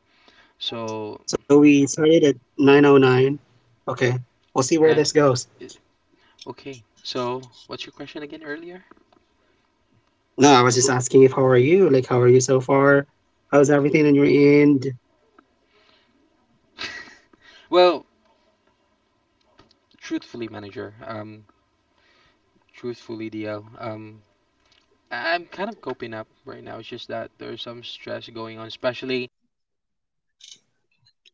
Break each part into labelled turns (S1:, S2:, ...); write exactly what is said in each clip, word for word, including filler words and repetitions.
S1: Okay, so we started at nine oh nine. Okay, we'll see where this goes. No, I was just asking if how are you? Like, how are you so far? How's everything on your end?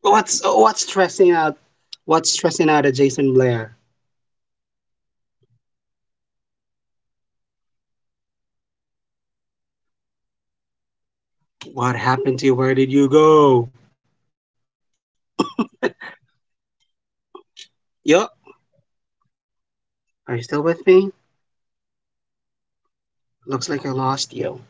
S1: What's what's stressing out? What's stressing out at Jason Blair? What happened to you? Where did you go? Yup. Are you still with me? Looks like I lost you.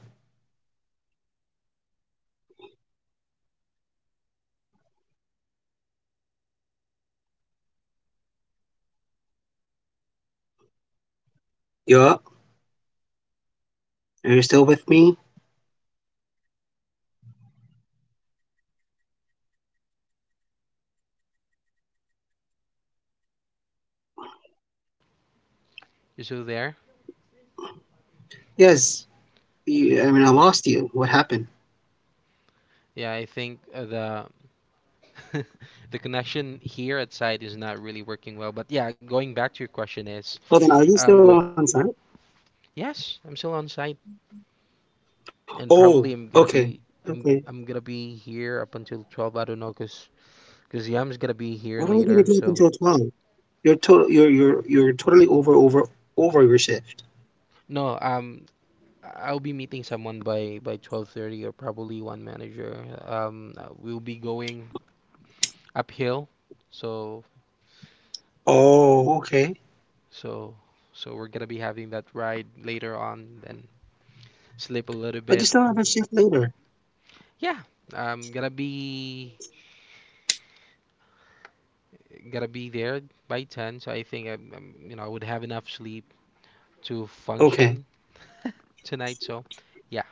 S1: Yup. Are you still with me?
S2: You still there?
S1: Yes. You, I mean, I lost you. What happened?
S2: Yeah, I think uh, the The connection here at site is not really working well. But yeah, going back to your question is,
S1: Well, then are
S2: I'm
S1: you
S2: going.
S1: still on site?
S2: Yes, I'm still on site, and probably
S1: Oh,
S2: I'm gonna
S1: okay.
S2: be. I'm
S1: Okay.
S2: I'm gonna be here up until twelve. I don't know, cause cause Yam's gonna be here
S1: What are we gonna
S2: later.
S1: do up
S2: So
S1: until twelve? You're to- you're you're you're totally over over over your shift.
S2: no, um, I'll be meeting someone by by twelve thirty or probably one manager. Um, uh, we'll be going uphill, so
S1: Oh, okay.
S2: so so we're gonna be having that ride later on, and sleep a little
S1: But
S2: bit.
S1: you still have a shift later.
S2: Yeah, I'm gonna be gonna be there by ten, so I think I'm, I'm you know I would have enough sleep to
S1: Okay.
S2: function tonight. So yeah,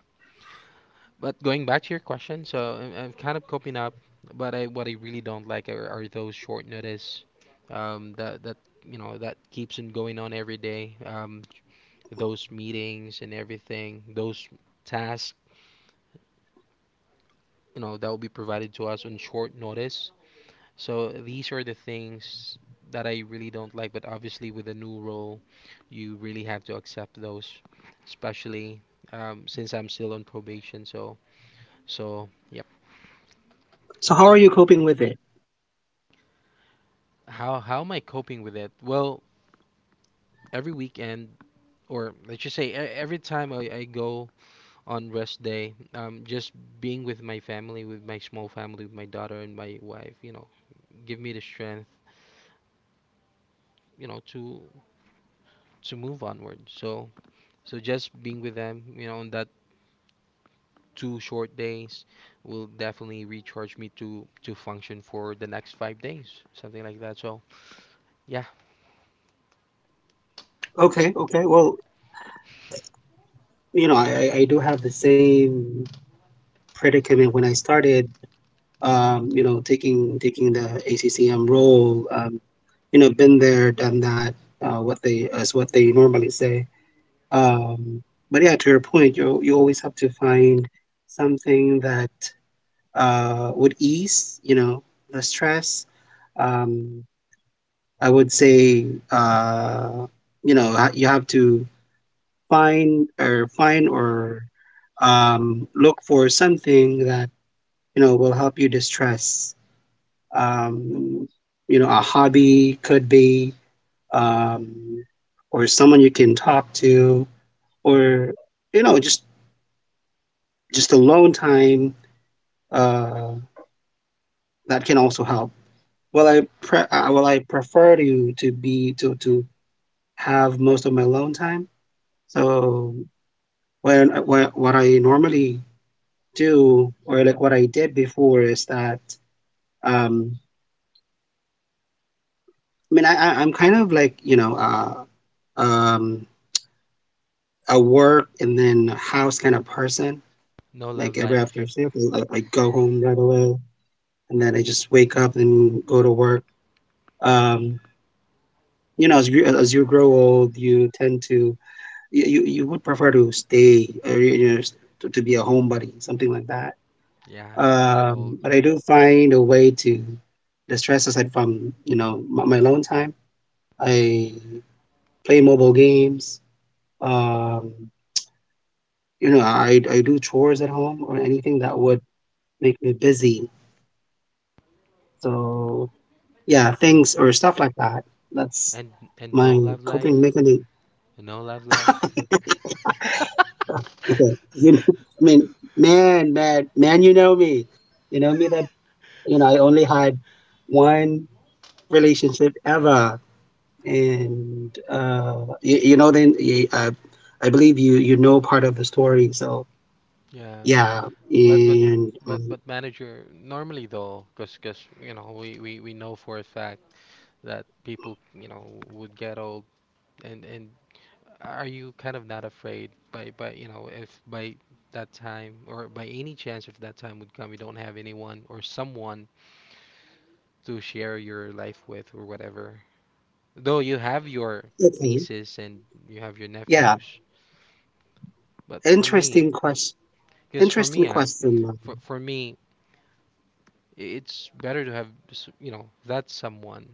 S2: but going back to your question, so I'm, I'm kind of coping up, but I what I really don't like are, are those short notice um that that you know that keeps on going on every day, um those meetings and everything, those tasks, you know that will be provided to us on short notice. So these are the things that I really don't like, but obviously with a new role, you really have to accept those, especially um, since I'm still on probation. So so yep.
S1: So how are you coping with it?
S2: How how am I coping with it? Well, every weekend, or let's just say e- every time I, I go on rest day, um, just being with my family, with my small family, with my daughter and my wife, you know, give me the strength, you know, to to move onward. So so just being with them, you know, on that two short days will definitely recharge me to to function for the next five days, something like that. So yeah,
S1: Okay, okay. Well, you know, I I I do have the same predicament when I started. Um, you know, taking taking the A C C M role. Um, you know, been there, done that. Uh, what they as what they normally say. Um, but yeah, to your point, you you always have to find something that uh, would ease, you know, the stress. Um, I would say, uh, you know, ha- you have to find or find or um, look for something that you know will help you distress. Um, you know, a hobby could be, um, or someone you can talk to, or you know, just just alone time uh, that can also help. Well, I pre uh, well, I prefer to to be to to have most of my alone time. So when when what I normally do or like what I did before is that um I mean I I- I'm kind of like, you know, uh um a work and then house kind of person.
S2: no love
S1: Like every
S2: life.
S1: after shift, I, I go home right away and then I just wake up and go to work. Um, you know, as you as you grow old, you tend to you you, you would prefer to stay or you know, s- to, to be a homebody, something like that.
S2: Yeah, you're old,
S1: Um, but I do find a way to distress aside from you know my, my alone time. I play mobile games. Um, you know, I I do chores at home or anything that would make me busy. So yeah,
S2: and
S1: things or stuff like that. That's
S2: and and no
S1: my
S2: love
S1: coping
S2: life,
S1: mechanism.
S2: no love life.
S1: Okay, you know, I mean, man, man, man, you know me. You know me that you know, I only had one relationship ever, and uh, you, you know, then y- I, I believe you you know part of the story. So
S2: Yeah,
S1: yeah,
S2: but but
S1: and
S2: but
S1: um,
S2: but manager, normally though, cause 'cause, you know, we we we know for a fact that people, you know, would get old, and and are you kind of not afraid by by you know, if by that time, or by any chance, if that time would come, you don't have anyone or someone to share your life with or whatever? Though you have your
S1: okay,
S2: nieces and you have your
S1: yeah,
S2: nephews, but for me,
S1: interesting question.
S2: because for
S1: Interesting
S2: me, uh,
S1: question, ma'am.
S2: for for me, i- it's better to have s- you know, that someone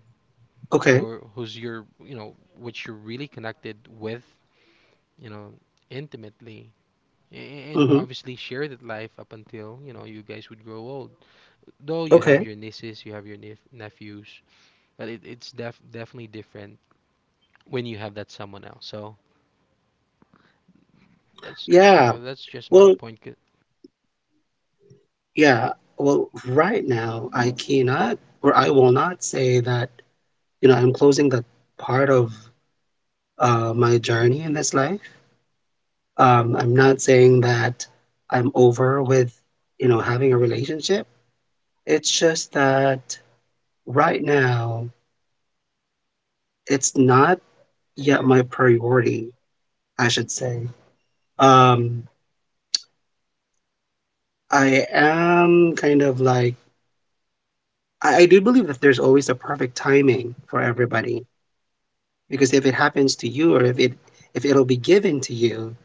S1: Okay.
S2: or who's your, you know, which you're really connected with, you know, intimately. A- And
S1: Mm-hmm.
S2: obviously share that life up until, you know, you guys would grow old. Though you have
S1: Okay.
S2: your nieces, you have your nep- nephews, but it, it's def definitely different when you have that someone else. So that's, you
S1: Yeah.
S2: know, that's just my
S1: Well.
S2: point c-
S1: Yeah. Well, right now I cannot, or I will not say that you know I'm closing that part of uh, my journey in this life. Um, I'm not saying that I'm over with, you know, having a relationship. It's just that right now it's not yet my priority, I should say. Um, I am kind of like I, I do believe that there's always a perfect timing for everybody because if it happens to you or if it if it'll be given to you,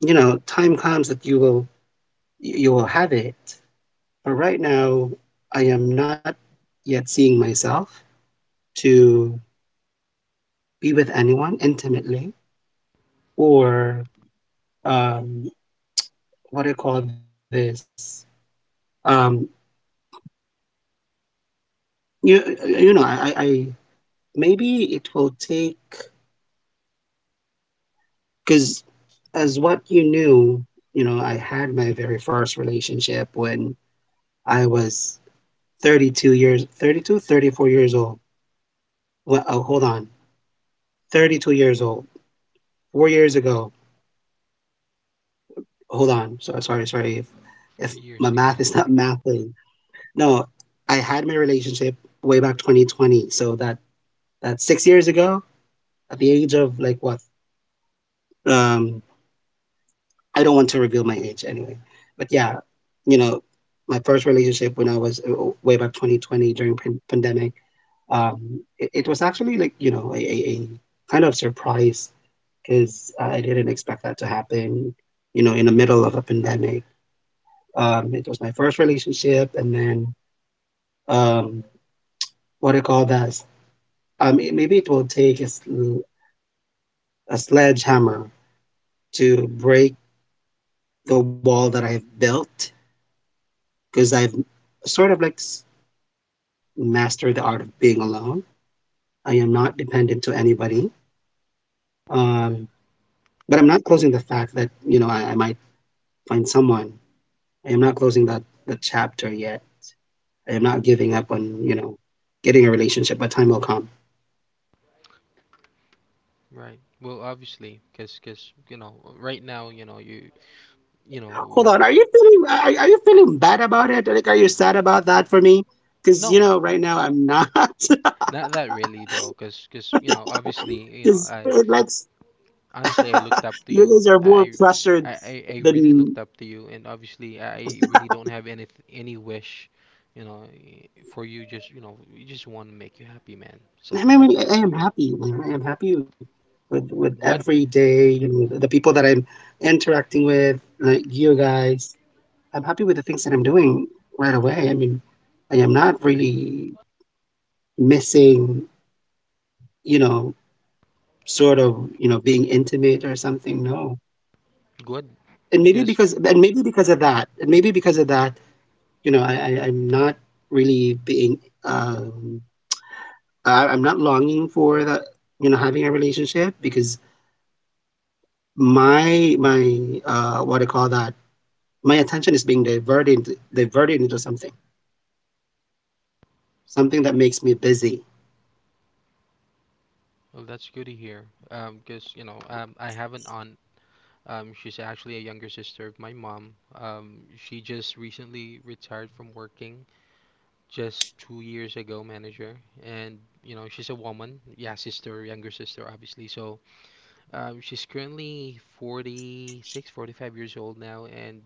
S1: you know, time comes that you will you will have it. But right now, I am not yet seeing myself to be with anyone intimately or um, what do you call this? Um, you, you know, I, I maybe it will take because as what you knew, you know, I had my very first relationship when I was thirty-two years, thirty-two, thirty-four years old. Well, oh, hold on, thirty-two years old, four years ago. Hold on, so sorry, sorry if if
S2: four
S1: my
S2: years
S1: math
S2: ago.
S1: is not mathing. No, I had my relationship way back twenty twenty. So that that's six years ago at the age of like what? Um, I don't want to reveal my age anyway. But yeah, you know, my first relationship when I was uh, way back twenty twenty during pan- pandemic, um, it, it was actually like, you know, a, a, a kind of surprise because I didn't expect that to happen, you know, in the middle of a pandemic. Um, it was my first relationship and then um, what do you call that? Um, it, maybe it will take a, sl- a sledgehammer to break the wall that I've built because I've sort of like s- mastered the art of being alone. I am not dependent to anybody. Um,
S2: Right.
S1: but I'm not closing the fact that, you know, I, I might find someone. I am not closing that, the chapter yet. I am not giving up on, you know, getting a relationship, but time will come.
S2: Right. Well, obviously, because, cause, 'cause, you know, right now, you know, you, you
S1: Hold on.
S2: know,
S1: Are you feeling, are, are you feeling bad about it? Like, are you sad about that for me? Because, you
S2: no,
S1: know, right
S2: n-
S1: now I'm not.
S2: not that really though, because, because, you know, obviously, you know,
S1: It's,
S2: I
S1: it lets
S2: honestly, I looked up to
S1: you
S2: you.
S1: guys are more
S2: I,
S1: pressured
S2: I, I I really looked
S1: than
S2: up to you, and obviously, I really don't have any any wish, you know, i- for you. Just you know, we just want to make you happy, man.
S1: I
S2: Something
S1: mean.
S2: like
S1: I mean,
S2: that.
S1: I
S2: So
S1: am happy, man. I am happy with with
S2: good,
S1: every day. You know, the people that I'm interacting with, like you guys. I'm happy with the things that I'm doing right away. I mean, I am not really missing. You know, sort of. You know, being intimate or something. No,
S2: good.
S1: and maybe
S2: Cause
S1: because and maybe because of that, and maybe because of that, you know, I, I I'm not really being. Um, I, I'm not longing for that, you know, having a relationship because my my uh what I call that my attention is being diverted into, diverted into something, something that makes me busy.
S2: well, that's good to hear. Um, cause you know, um, I have an aunt. Um, she's actually a younger sister of my mom. Um, she just recently retired from working, just two years ago, manager. And you know, she's a woman. Yeah, sister, younger sister, obviously. So Um, she's currently forty-six, forty-five years old now, and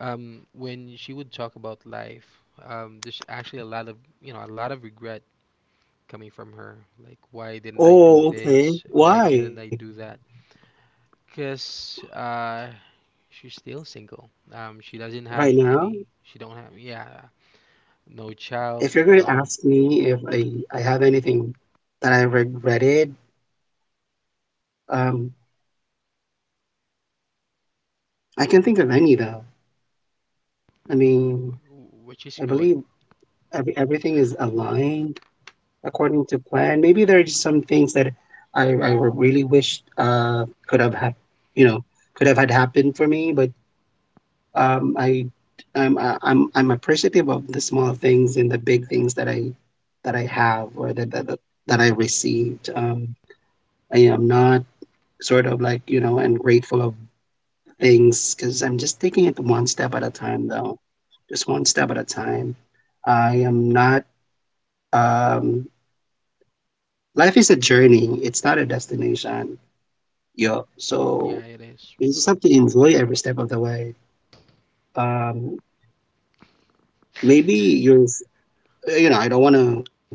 S2: um, when she would talk about life, um, there's actually a lot of, you know, a lot of regret coming from her. Like, why didn't I do
S1: Oh, okay.
S2: this? Why
S1: Why?
S2: didn't I do that? Because uh, she's still single. Um, she doesn't
S1: Right
S2: have
S1: now,
S2: any. She don't have. Yeah, no
S1: if
S2: child.
S1: you're going to
S2: No,
S1: ask me if I I have anything that I regretted, um, I can think of any though. I mean,
S2: which
S1: I
S2: is
S1: believe
S2: good.
S1: every everything is aligned according to plan. Maybe there are just some things that I, I really wished uh, could have hap- you know could have had happened for me, but um, I I'm, I- I'm I'm appreciative of the small things and the big things that I that I have or that that, that that I received. Um, I am not sort of like you know ungrateful of things because I'm just taking it one step at a time though, just one step at a time. I am not um, life is a journey, it's not a destination. Yeah, so
S2: Yeah, it is.
S1: you just have to enjoy every step of the way. Um, maybe you're, you know, I don't want to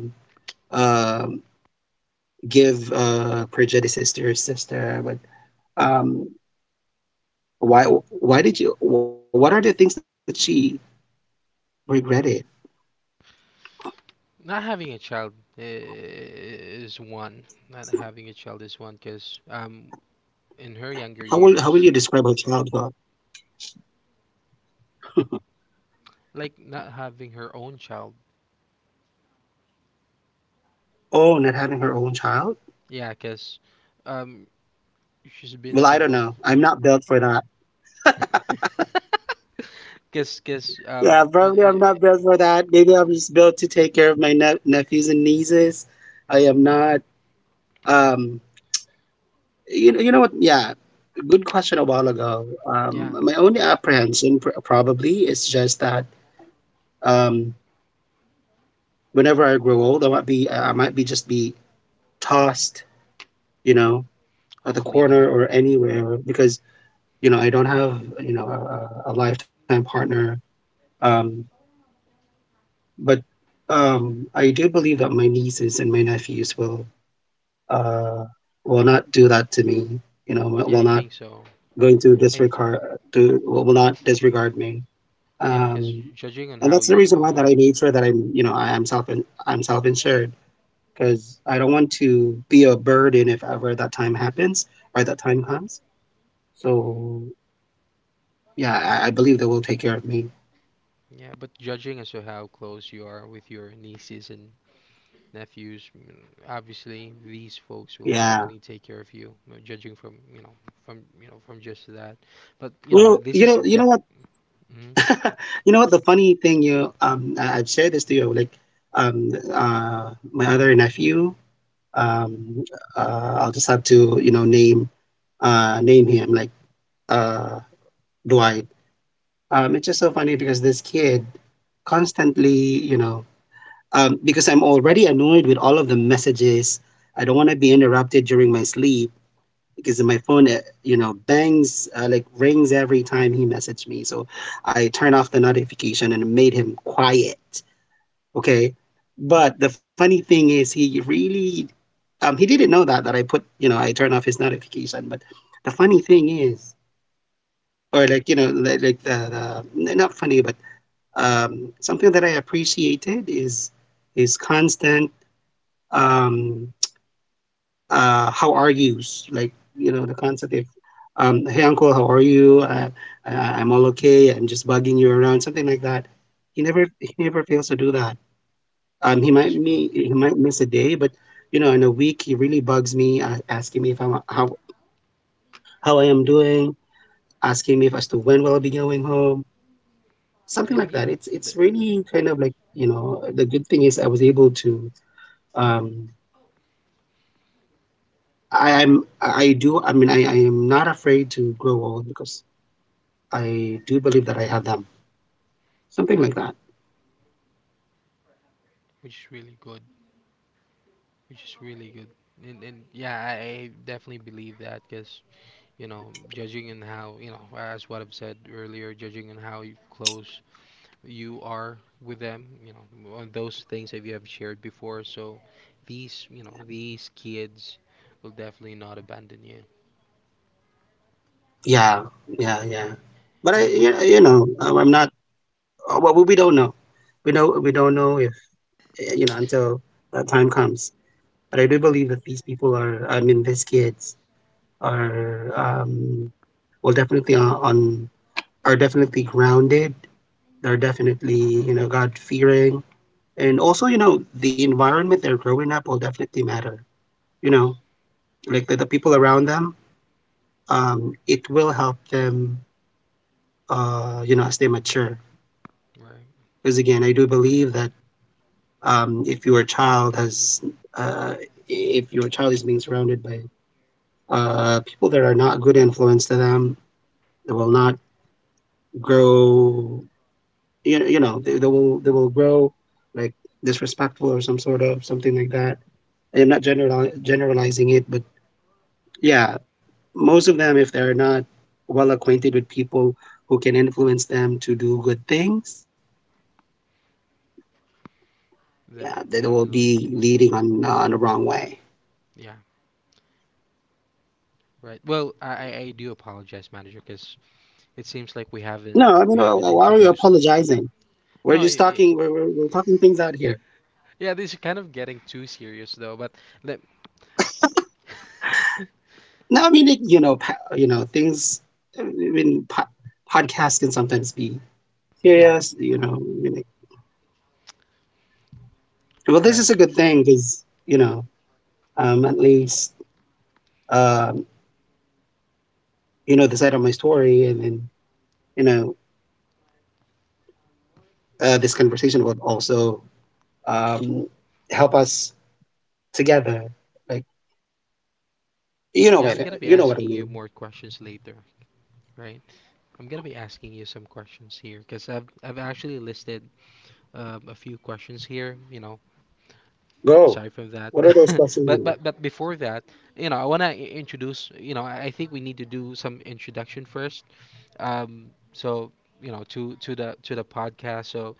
S1: um give uh, prejudices to your sister, but um, why, why did you? What are the things that she regretted?
S2: Not having a child i- is one. Not having a child is one because um in her younger
S1: How will how will
S2: years,
S1: you describe her childhood?
S2: like not having her own child.
S1: Oh, not having her own child?
S2: Yeah, because um she's been
S1: Well, I don't
S2: single.
S1: know. I'm not built for that.
S2: F- Guess, guess,
S1: Yeah,
S2: um, and,
S1: probably
S2: and,
S1: I'm not
S2: and-
S1: built for that. Maybe I'm just built to take care of my ne- nephews and nieces. I am not. Um, You know, you know what? Yeah, good question a while ago.
S2: yeah,
S1: Um, my only apprehension pr- probably is just that um, whenever I grow old, I might be I might be just be tossed, you know, at the
S2: hopefully not.
S1: corner or anywhere because you know I don't have you know a, a a lifetime partner. Um, but um, I do believe that my nieces and my nephews will uh, will not do that to me. You know,
S2: Yeah,
S1: will
S2: I
S1: will
S2: think
S1: not
S2: so.
S1: going to
S2: I think,
S1: disregard to will will not disregard me,
S2: yeah, because
S1: um,
S2: judging on
S1: and
S2: how
S1: that's the
S2: you,
S1: reason
S2: you
S1: why that
S2: know,
S1: I made sure that I'm you know I am self I'm self insured because I don't want to be a burden if ever that time happens or that time comes. So yeah, I, I believe they will take care of me.
S2: yeah, but judging as to how close you are with your nieces and nephews. Obviously, these folks will
S1: Yeah.
S2: definitely take care of you, uh, judging from you know, from you know, from just that. But you know,
S1: Well,
S2: this
S1: you
S2: is
S1: know, you
S2: get,
S1: know what,
S2: mhm,
S1: you know what. The funny thing, you um, I, I've shared this to you. Like, um, uh, my other nephew, um, uh, I'll just have to you know name uh name him like uh Dwight. Um, it's just so funny because this kid constantly, you know, um, because I'm already annoyed with all of the messages. I don't want to be interrupted during my sleep because my phone, uh, you know, bangs, uh, like rings every time he messaged me. So I turn off the notification and made him quiet. Okay. But the funny thing is, he really, um, he didn't know that, that I put, you know, I turn off his notification. But the funny thing is, or like, you know, like, like the, the, not funny, but um, something that I appreciated is is constant. Um, uh, how are yous? Like you know the concept of, um, hey uncle, how are you? Uh, I, I'm all okay. I'm just bugging you around, something like that. He never he never fails to do that. Um, he
S2: which
S1: might
S2: is good,
S1: me he might miss a day, but you know in a week he really bugs me, uh, asking me if I'm how how I am doing, asking me if as to when will I be going home, something
S2: and
S1: like that.
S2: yeah,
S1: It's it's
S2: th
S1: really kind of, like, you know, the good thing is I was able to. Um, I, I'm I do I mean I, I am not afraid to grow old because I do believe that I have them. Something
S2: yeah,
S1: like that.
S2: which is really good, which is really good. And, and yeah, I, I definitely believe that because you know, judging in how you know, as what I've said earlier, judging in how you close you are with them, you know, on those things that you have shared before. So these, you know, these kids will definitely not abandon you.
S1: Yeah, yeah,
S2: Yeah.
S1: yeah. But I
S2: And,
S1: you,
S2: and
S1: you know, I'm I'm not. uh, Well, we don't know. We know we don't know if, uh, you know, until that time comes. But I do believe that these people are. I mean, these kids are, um, well definitely on, on are definitely grounded. They're definitely, you know, God fearing. And also, you know, the environment they're growing up will definitely matter. You know, like the, the people around them, um, it will help them, uh, you know, as they mature.
S2: right,
S1: Because again, I do believe that, um, if your child has, uh, if your child is being surrounded by, uh, people that are not good influence to them, they will not grow. You know, you know, they, they will they will grow like disrespectful or some sort of, something like that. I am not general generalizing it, but yeah, most of them, if they're not well acquainted with people who can influence them to do good things,
S2: then
S1: yeah, they will
S2: definitely,
S1: be leading on on the wrong way.
S2: yeah, right. Well, I, I I do apologize, manager, because it seems like we
S1: No,
S2: haven't
S1: I mean,
S2: we
S1: uh,
S2: haven't
S1: why are you
S2: introduced.
S1: apologizing? We're
S2: No, i
S1: just
S2: i
S1: talking. We're, we're, we're talking things out here.
S2: yeah, this is kind of getting too serious though. But let,
S1: No, I mean it, you know, pa- you know, things, i mean po- podcasts can sometimes be
S2: yeah,
S1: serious, you know. I mean, like, well, this is
S2: right.
S1: a good thing because, you know, um at least, um you know, the side of my story, and then, you know, uh, this conversation will also, um, help us together. Like, you know
S2: Yeah, I'm gonna
S1: what
S2: be
S1: you know what I
S2: asking you
S1: mean.
S2: more questions later, right? I'm gonna be asking you some questions here because I've I've actually listed um, a few questions here. You know,
S1: Go.
S2: sorry for that.
S1: What are those
S2: But
S1: questions?
S2: but but before that, you know, I wanna i- introduce. You know, I I think we need to do some introduction first. Um, so you know, to to the to the podcast. So,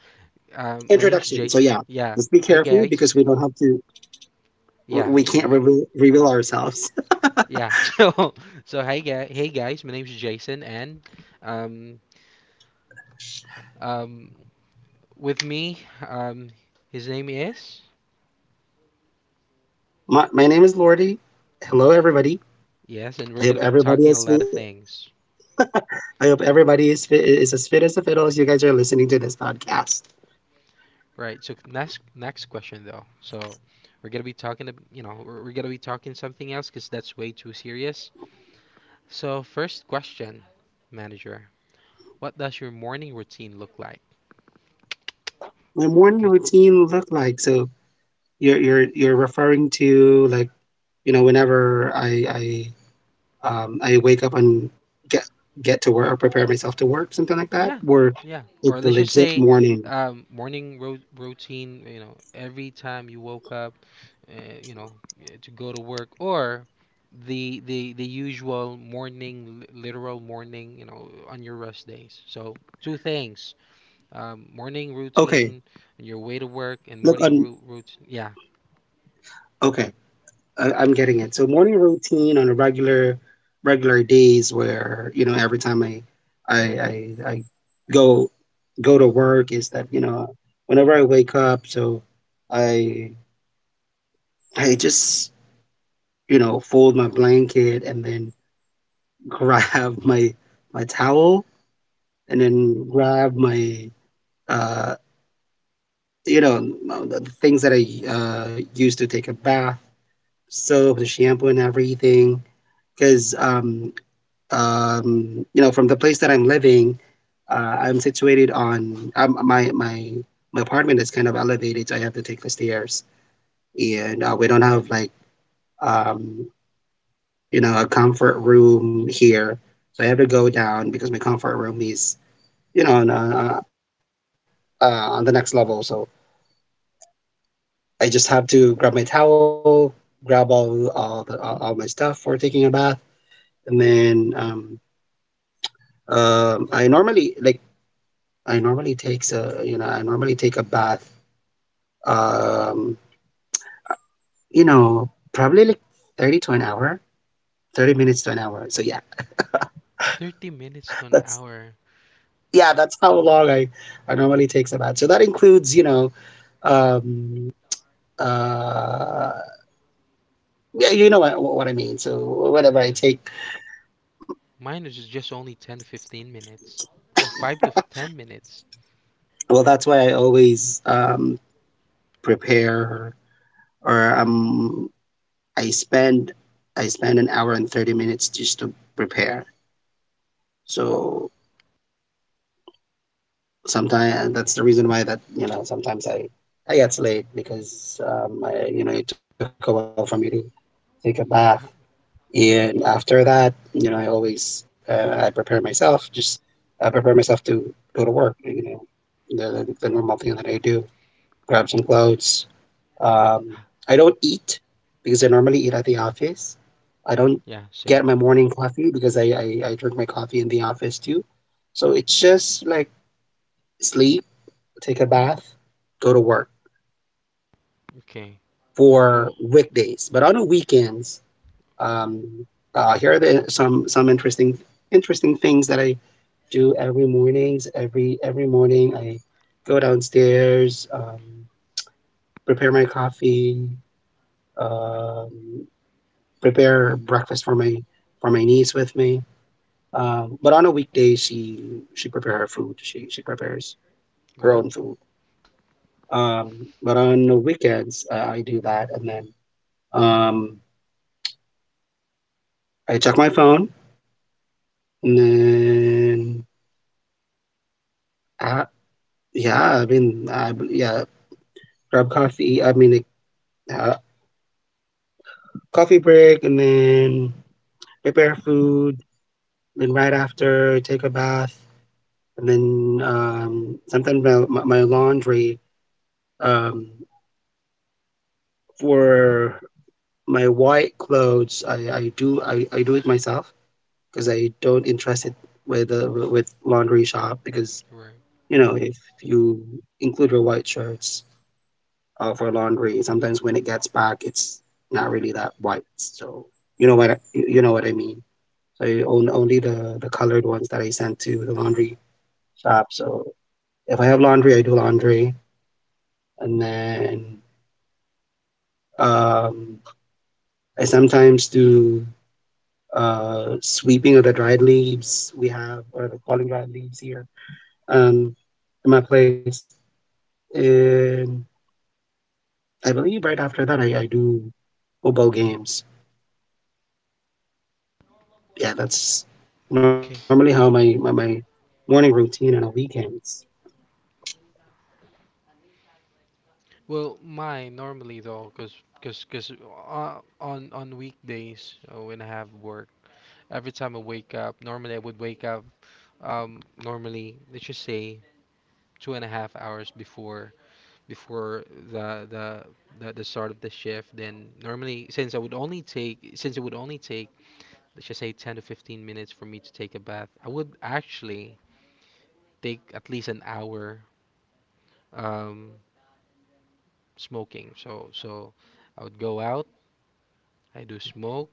S2: um, my name's
S1: Introduction. So
S2: Jason.
S1: yeah,
S2: Yeah.
S1: let's be
S2: Hi
S1: careful
S2: guys.
S1: because we don't have to. We
S2: Yeah.
S1: we can't
S2: We,
S1: reveal, reveal ourselves.
S2: yeah. So so hi guy. Hey guys. My name's Jason and um um with me, um his name is.
S1: My, my name is Lordy. Hello, everybody.
S2: Yes, and we're
S1: I
S2: gonna
S1: hope
S2: be talking
S1: everybody
S2: a
S1: is.
S2: lot of
S1: fit-
S2: things.
S1: I hope everybody is fit, is as fit as a fiddle as you guys are listening to this podcast.
S2: Right. So next next question though. So we're gonna be talking, ab- you know, we're, we're gonna be talking something else because that's way too serious. So first question, manager, what does your morning routine look like?
S1: My morning
S2: Good.
S1: routine look like, so. You're you're you're referring to, like, you know, whenever I I um, I wake up and get get to work or prepare myself to work, something like
S2: Yeah.
S1: that, or
S2: Yeah.
S1: it's
S2: Or
S1: a
S2: let's just
S1: legit
S2: say,
S1: morning.
S2: um, morning ro routine. You know, every time you woke up, uh, you know, eh, to go to work, or the the the usual morning, li- literal morning, you know, on your rest days. So two things: um, morning
S1: Okay,
S2: routine on your way to work and
S1: look
S2: morning
S1: on.
S2: ru- routine. Yeah,
S1: Okay, I, I'm getting it. So morning routine on a regular regular days, where, you know, every time I I I, I go go to work, is that, you know, whenever I wake up, so I I just, you know, fold my blanket and then grab my my towel, and then grab my, uh you know, um, the things that I, uh, use to take a bath, soap, the shampoo, and everything. Because, um, um, you know, from the place that I'm living, uh, I'm situated on, um, my my my apartment is kind of elevated, so I have to take the stairs, and uh, we don't have like, um, you know, a comfort room here, so I have to go down because my comfort room is, you know, on, uh, uh, on the next level. So I just have to grab my towel, grab all all, the, all, all my stuff for taking a bath, and then, um, um, I normally like I normally takes a you know I normally take a bath, um, you know, probably like thirty to an hour, thirty minutes to an hour. So yeah,
S2: thirty minutes to an
S1: that's
S2: hour.
S1: yeah that's how long I I normally takes a bath. So that includes, you know, um, uh, yeah, you know what, what I mean. So
S2: Yeah,
S1: whatever I take,
S2: mine is just only ten to fifteen minutes or five to ten minutes.
S1: well, that's why I always, um, prepare or um I spend, I spend an hour and thirty minutes just to prepare. So sometimes that's the reason why that, you know, sometimes I I get late, because, um I, you know, it took a while for me to take a bath.
S2: Huh,
S1: And after that, you know, I always, uh, I prepare myself just I prepare myself to go to work, you know, the the the normal thing that I do: grab some clothes, um I don't eat because I normally eat at the office. I don't
S2: yeah,
S1: get
S2: same.
S1: my morning coffee because I, I, I drink my coffee in the office too. So it's just like sleep, take a bath, go to work,
S2: Okay. Well,
S1: for weekdays. But on the weekends,
S2: okay.
S1: um, uh, here are the, some some interesting interesting things that I do every mornings. Every every morning, I go downstairs, um, prepare my coffee, um, prepare breakfast for my for my niece with me. Um, but on a weekday, she she prepare her food. She she prepares her
S2: Go ahead.
S1: own food. Um, but on the weekends, uh, I do that, and then, um, I check my phone, and then, uh, yeah, I mean, I, yeah, grab coffee. I mean, like, uh, coffee break, and then prepare food. Then right after, take a bath, and then, um, sometimes my, my my laundry, um, for. My white clothes, i i do i, I do it myself, because I don't interest it with, uh, with laundry shop, because,
S2: Right.
S1: you know, if you include your white shirts, uh, for laundry, sometimes when it gets back it's not really that white. So you know what I, you know what I mean. So I own only
S2: Right.
S1: the the colored ones that I sent to the laundry shop. So if I have laundry, I do laundry, and then, um I sometimes do, uh, sweeping of the dried leaves we have, or the falling dried leaves here, um, in my place. And I believe right after that, I, I do football games. Yeah, that's normally how
S2: Okay.
S1: my, my, my morning routine on the weekends.
S2: Well, mine normally though, cause cause cause uh, on on weekdays uh, when I have work, every time I wake up, normally I would wake up um normally let's just say two and a half hours before before the the the, the start of the shift. Then normally since I would only take, since it would only take let's just say ten to fifteen minutes for me to take a bath, I would actually take at least an hour um smoking. So so I would go out, I do smoke.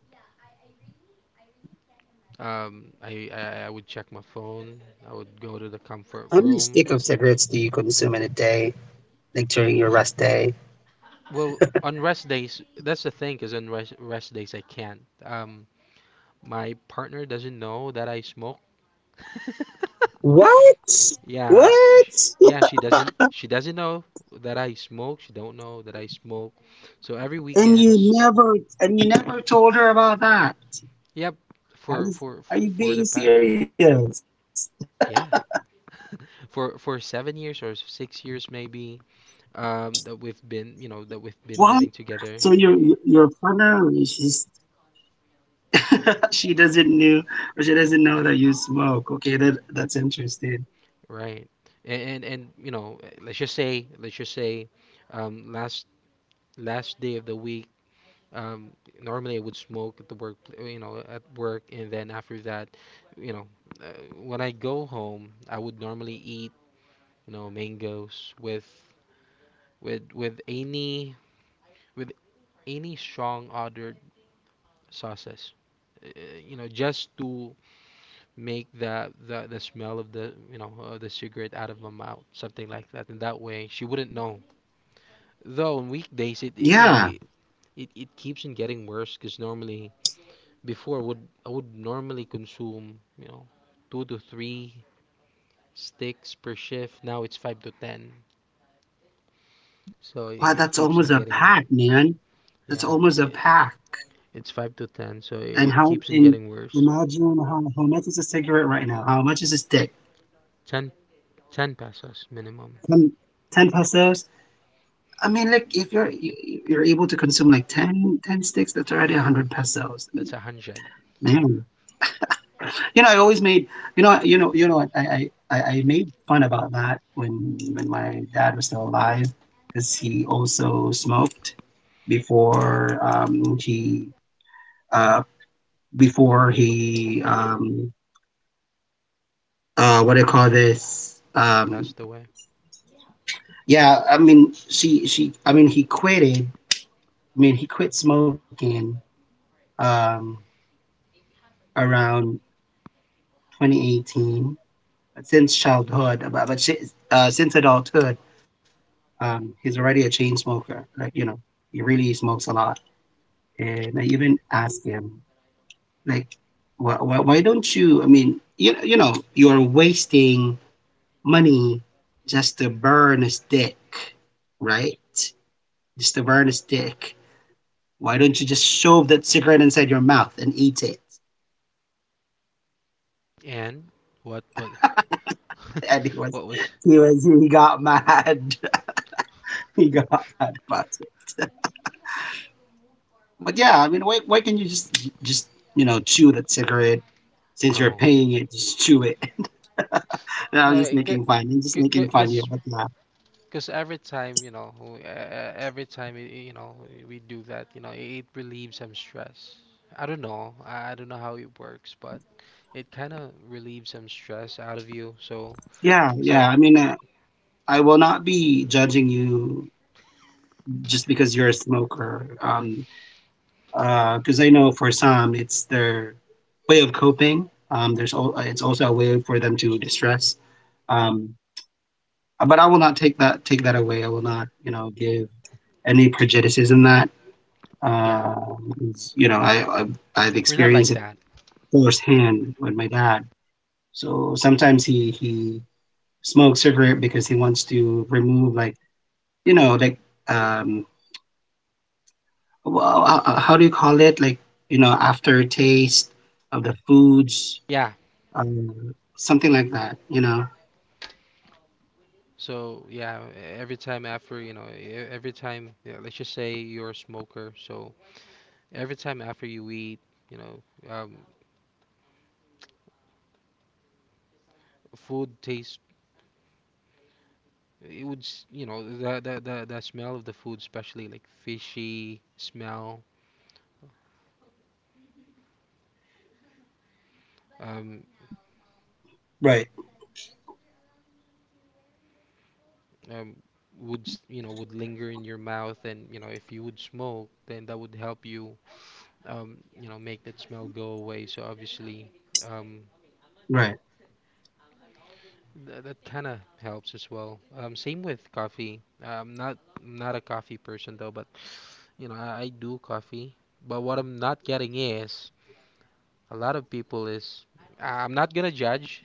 S2: Um, I, I I would check my phone. I would go to the
S1: How
S2: comfort
S1: many stick
S2: room.
S1: of cigarettes do you consume in a day, like during your rest day?
S2: Well, on rest days, that's the thing, because on rest, rest days I can't. Um, my partner doesn't know that I smoke.
S1: What?
S2: Yeah, sh
S1: What?
S2: yeah, she doesn't she doesn't know that I smoke. She don't know that I smoke. So every
S1: And you
S2: weekends,
S1: never and you never told her about that.
S2: yep, for
S1: Are you,
S2: for
S1: are
S2: for
S1: you
S2: the pa
S1: being serious?
S2: yeah, for for seven years or six years maybe, um that we've been you know that we've been
S1: What?
S2: living together.
S1: So your
S2: Sh-
S1: your partner is just she doesn't know, or she doesn't know that you smoke. Okay, that that's interesting.
S2: right. And and, and you know, eh, let's just say let's just say um last last day of the week, um normally I would smoke at the work, you know, at work, and then after that, you know, uh, when I go home I would normally eat, you know, mangoes with with with any with any strong odored sauces, uh, you know, just to make the, the the smell of the, you know, uh, the cigarette out of my mouth, something like that, and that way she wouldn't know. Though on weekdays it, you know,
S1: Yeah.
S2: it it, it keeps on getting worse because normally before would I would normally consume, you know, two to three sticks per shift, now it's five to ten, so
S1: Wow,
S2: it
S1: that's
S2: keeps on
S1: almost a
S2: getting worse.
S1: pack, man. That's
S2: Yeah
S1: almost a
S2: it,
S1: pack.
S2: it's five to ten, so
S1: And
S2: it
S1: how
S2: keeps on
S1: and
S2: getting worse.
S1: imagine how, how much is a cigarette right now? How much is a stick?
S2: Ten, ten pesos minimum.
S1: ten, ten pesos? I mean, like, if you're you, you're able to consume like ten ten sticks, that's already one hundred pesos. I mean,
S2: That's a hundred.
S1: man. You know, I always made you know you know you know what, I I I I made fun about that when when my dad was still alive, because he also smoked before. Um he uh before he um uh what do you call this
S2: He
S1: um
S2: passed away.
S1: Yeah, I mean, she she I mean he quitted, I mean he quit smoking, um around twenty eighteen. Since childhood, but but she, uh, since adulthood, Um, he's already a chain smoker. Like, you know, he really smokes a lot. And I even asked him, like, why, why, why don't you? I mean, you, you know, you're wasting money just to burn a stick, right? Just to burn a stick. Why don't you just shove that cigarette inside your mouth and eat it?
S2: And what but
S1: And he was,
S2: What was?
S1: he was, he got mad. He got mad about it. But yeah, I mean, why why can't you just just you know, chew that cigarette, since you're
S2: No,
S1: paying it? Just chew it. No, I am
S2: no,
S1: just making fun. I'm just making
S2: because
S1: fun here, but yeah,
S2: because every time you know, w- e- e- every time y- you know, we do that, you know, it relieves some stress. I don't know, I I don't know how it works, but it kind of relieves some stress out of you. So
S1: yeah,
S2: so
S1: yeah. I mean, uh, I will not be judging you just because you're a smoker. Um, uh, because I know for some it's their way of coping. Um, there's al- uh, it's also a way for them to distress. Um, but I will not take that take that away. I will not, you know, give any prejudice in that.
S2: yeah,
S1: Uh, you know, I, I I've
S2: we're not
S1: experienced
S2: like
S1: it
S2: that.
S1: firsthand with my dad. So sometimes he he smokes cigarette because he wants to remove, like, you know, like, um wh- uh, uh, how do you call it, like, you know, aftertaste of the foods,
S2: Yeah.
S1: um, something like that, you know.
S2: So yeah, every time after you know, e- every time yeah, let's just say you're a smoker, so every time after you eat, you know, um, food tastes It would, s- you know, the the the, the smell of the food, especially like fishy smell, um,
S1: Right.
S2: um, would s- you know would linger in your mouth, and you know if you would smoke, then that would help you, um, you know, make that smell go away. So obviously, um,
S1: Right.
S2: th- that kind of helps as well. Um, same with coffee. I'm not I'm not a coffee person though, but you know I, I do coffee. But what I'm not getting is, a lot of people is, uh, I'm not gonna judge.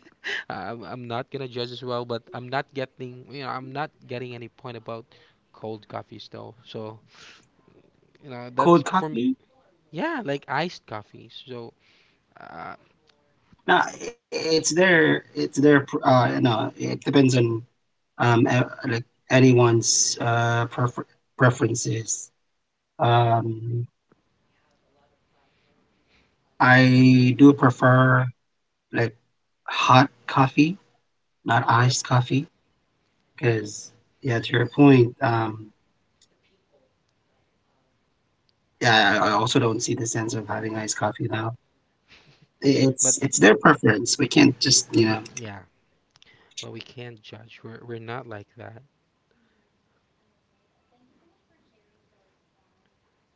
S2: I'm, I'm not gonna judge as well, but I'm not getting, you know I'm not getting any point about cold coffees though. So you know that's for
S1: Cold
S2: me.
S1: coffee.
S2: Yeah, like iced coffees. So uh,
S1: No, it's their, it's their pr- uh you know, it depends on, um uh, like, anyone's, uh prefer- preferences. Um, I do prefer like hot coffee, not
S2: yep.
S1: iced coffee, because, yeah, to your point, um, yeah, I I also don't see the sense of having iced coffee now. I-
S2: But
S1: It's it's their preference. We can't just, you know.
S2: yeah, but we can't judge. We're we're not like that.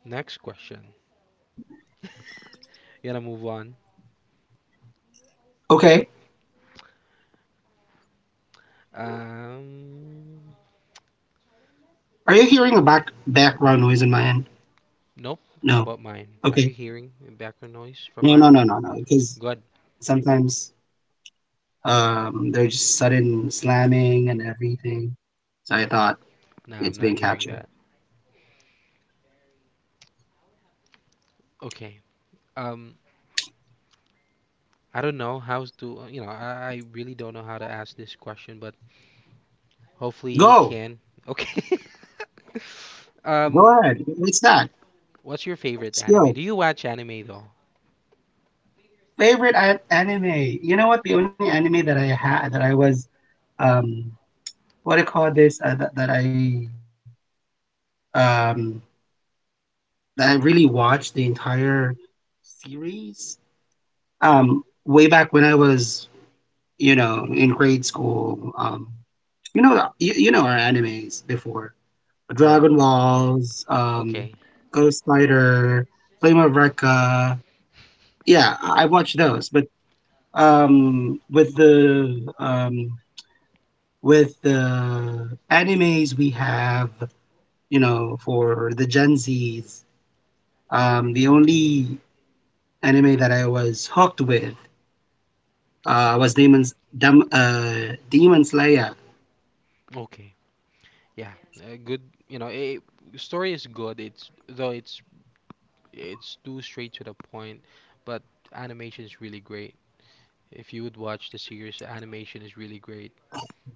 S2: Next question. You gotta move on.
S1: Okay.
S2: Um,
S1: Are you hearing a back background noise in my end?
S2: nope. How
S1: No.
S2: about mine? Are
S1: Okay.
S2: you hearing background noise from
S1: No, no,
S2: mine?
S1: no, no, no. Because
S2: Good.
S1: sometimes, um they're just sudden slamming and everything. So I thought
S2: No, I'm
S1: it's
S2: not
S1: being
S2: hearing
S1: captured.
S2: that. Okay. Um, I don't know how to, you know, I, I really don't know how to ask this question, but hopefully you
S1: Go.
S2: can. Okay. Um,
S1: Go ahead. What's that?
S2: what's your favorite anime?
S1: Sure.
S2: Do you watch anime though?
S1: Favorite an- anime. You know what? The only anime that I had that I was um what do you call this uh, that that I um that I really watched the entire series um way back when I was, you know, in grade school. Um you know, you, you know our animes before
S2: Right.
S1: Dragon Balls, um
S2: Okay.
S1: Ghost Spider, Flame of Recca. Yeah, I I watched those, but um with the um with the animes we have, you know, for the Gen Zs, um, the only anime that I was hooked with uh, was Demon's Dem- uh, Demon Slayer.
S2: Okay. Yeah. Uh, good. You know, it, story is good. It's though it's it's too straight to the point, but animation is really great. If you would watch the series, the animation is really great.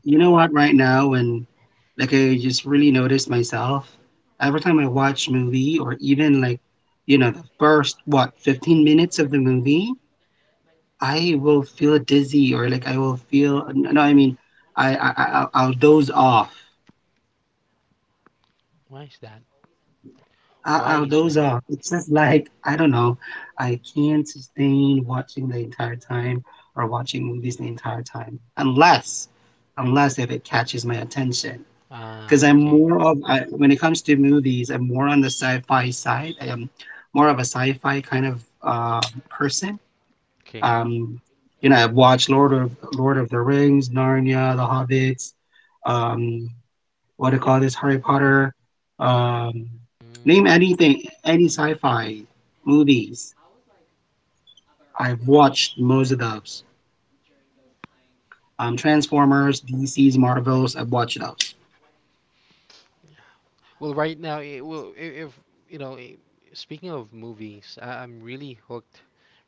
S1: You know what? Right now, when, like, I just really noticed myself every time I watch movie, or even like, you know, the first, what, fifteen minutes of the movie, I will feel dizzy, or like I will feel no, no, I mean I I I- I'll I'll doze off.
S2: Why is that? Why
S1: I'll,
S2: is that?
S1: I'll It's just like, I don't know, I can't sustain watching the entire time, or watching movies the entire time unless, unless if it catches my attention. Because
S2: Ah,
S1: I'm
S2: okay.
S1: more of, I, when it comes to movies, I'm more on the sci-fi side. I am more of a sci-fi kind of uh, person.
S2: Okay.
S1: Um, you know, I've watched Lord of Lord of the Rings, Narnia, The Hobbits. Um, what do you call this, Harry Potter. Um, name
S2: Mm.
S1: anything, any sci-fi movies. I've watched most of those. Um, Transformers, D C's, Marvels. I've watched those.
S2: Well, right now, it will I- if you know. I- speaking of movies, I, I'm really hooked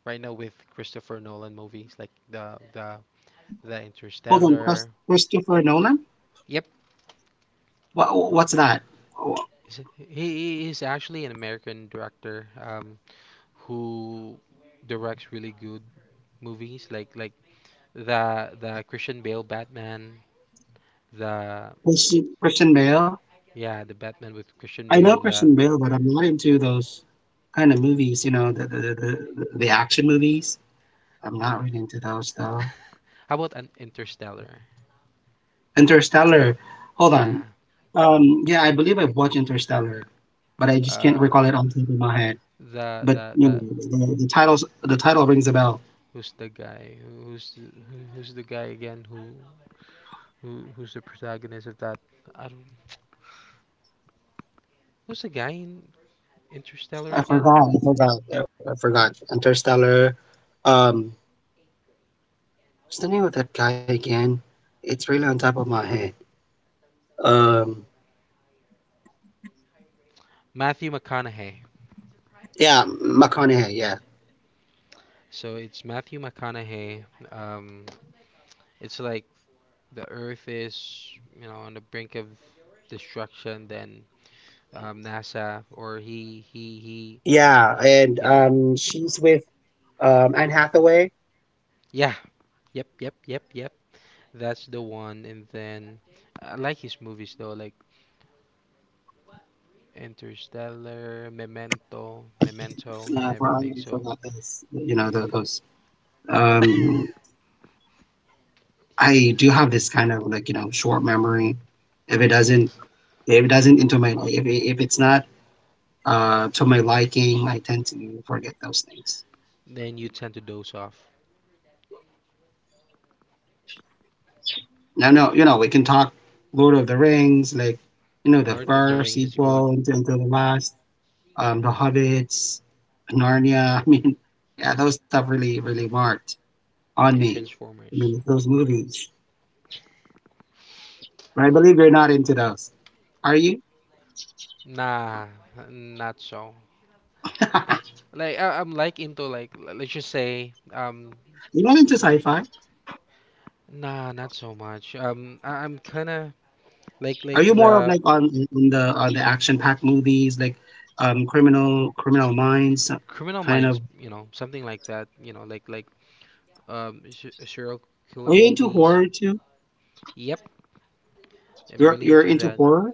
S2: right now with Christopher Nolan movies like the the the
S1: Hold on, Chris-
S2: Interstellar.
S1: Christopher Nolan.
S2: Yep,
S1: What what's that?
S2: s- he he is actually an American director, um who directs really good movies like like the the Christian Bale Batman, the
S1: Christian, Christian Bale.
S2: yeah the Batman with
S1: I
S2: Christian
S1: know
S2: Bale.
S1: Christian
S2: The
S1: Bale, but I'm not into those kind of movies. You know, the the the, the the action movies. I'm not really into those though.
S2: how about an Interstellar?
S1: Interstellar. Hold on.
S2: Yeah,
S1: Um, yeah, I believe I've watched Interstellar, but I just can't
S2: uh
S1: recall it on top of my head.
S2: the
S1: But
S2: the
S1: you know,
S2: the
S1: the, the titles, the title rings a bell.
S2: who's the guy? Who's the, who- who's the guy again? Who who who's the protagonist of that? I don't. Who's the guy in Interstellar
S1: I
S2: again?
S1: forgot. I forgot. I I forgot. Interstellar. Um, what's the name of that guy again? It's really on top of my head. Um,
S2: Matthew McConaughey.
S1: yeah, McConaughey. Yeah,
S2: So it's Matthew McConaughey. Um, it's like the Earth is, you know, on the brink of destruction. Then um, NASA, or he he he
S1: yeah,
S2: he,
S1: and
S2: he did.
S1: um, she's with um Anne Hathaway.
S2: Yeah. Yep. Yep. Yep. Yep. That's the one. And then I like his movies though. Like Interstellar, Memento, Memento, and
S1: Uh, for I
S2: everything. So
S1: forgot this. You know the, those. Um, I do have this kind of, like, you know, short memory. If it doesn't, if it doesn't into my, if it, if it's not uh to my liking, I tend to forget those things.
S2: then you tend to doze off.
S1: Now, no, you know, we can talk Lord of the Rings, like, you know, the
S2: Lord of the
S1: first
S2: Rings is
S1: sequel
S2: good,
S1: until, until the last, um, the Hobbits, Narnia. I mean, yeah, those stuff really really marked on
S2: and
S1: me. I
S2: Transformers.
S1: mean, those movies. But I believe you're not into those, are you?
S2: Nah, not so.
S1: You're
S2: Like I, I'm like into like, l- let's just say, um
S1: not into sci-fi.
S2: nah, not so much. Um I, I'm kind of like
S1: Are
S2: like
S1: you more of
S2: the
S1: like on on the on the action packed movies like um criminal criminal minds, uh,
S2: Criminal
S1: kind of,
S2: Minds, you know, something like that. You know, like like um s- serial
S1: are
S2: killer
S1: you into horror
S2: movies.
S1: too?
S2: Yep, I'm
S1: You're
S2: really
S1: you're
S2: into
S1: into
S2: that.
S1: horror?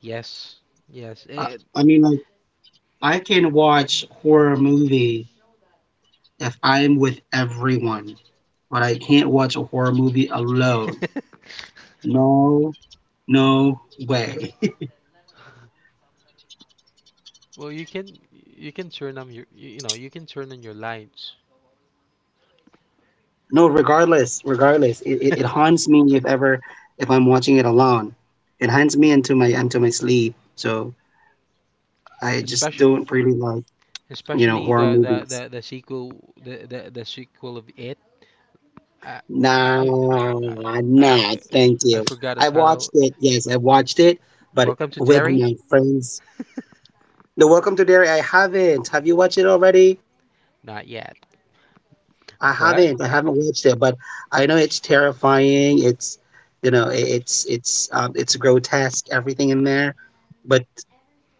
S2: Yes, yes.
S1: Uh,
S2: It,
S1: I mean, like, I can watch horror movie if I'm with everyone, but I can't watch a horror movie alone. No, no way.
S2: Well, you can you can turn on your, you you know, you can turn on your lights.
S1: No, regardless, regardless, it, it, it haunts me if ever if I'm watching it alone. It haunts me into my into my sleep. So I just
S2: especially
S1: don't really like, you know,
S2: especially
S1: horror
S2: the the
S1: movies.
S2: the, the sequel, the, the the sequel of it. I I
S1: Nah,
S2: I I I,
S1: nah, thank
S2: I
S1: you.
S2: forgot the
S1: I watched
S2: title.
S1: it. Yes, I watched it, but
S2: Welcome to
S1: with my
S2: Derry.
S1: friends. The Welcome to Derry. I haven't. Have you watched it already?
S2: Not yet,
S1: I
S2: but
S1: haven't. I haven't watched it, but I know it's terrifying. It's, you know, i- it's it's um, it's grotesque. Everything in there, but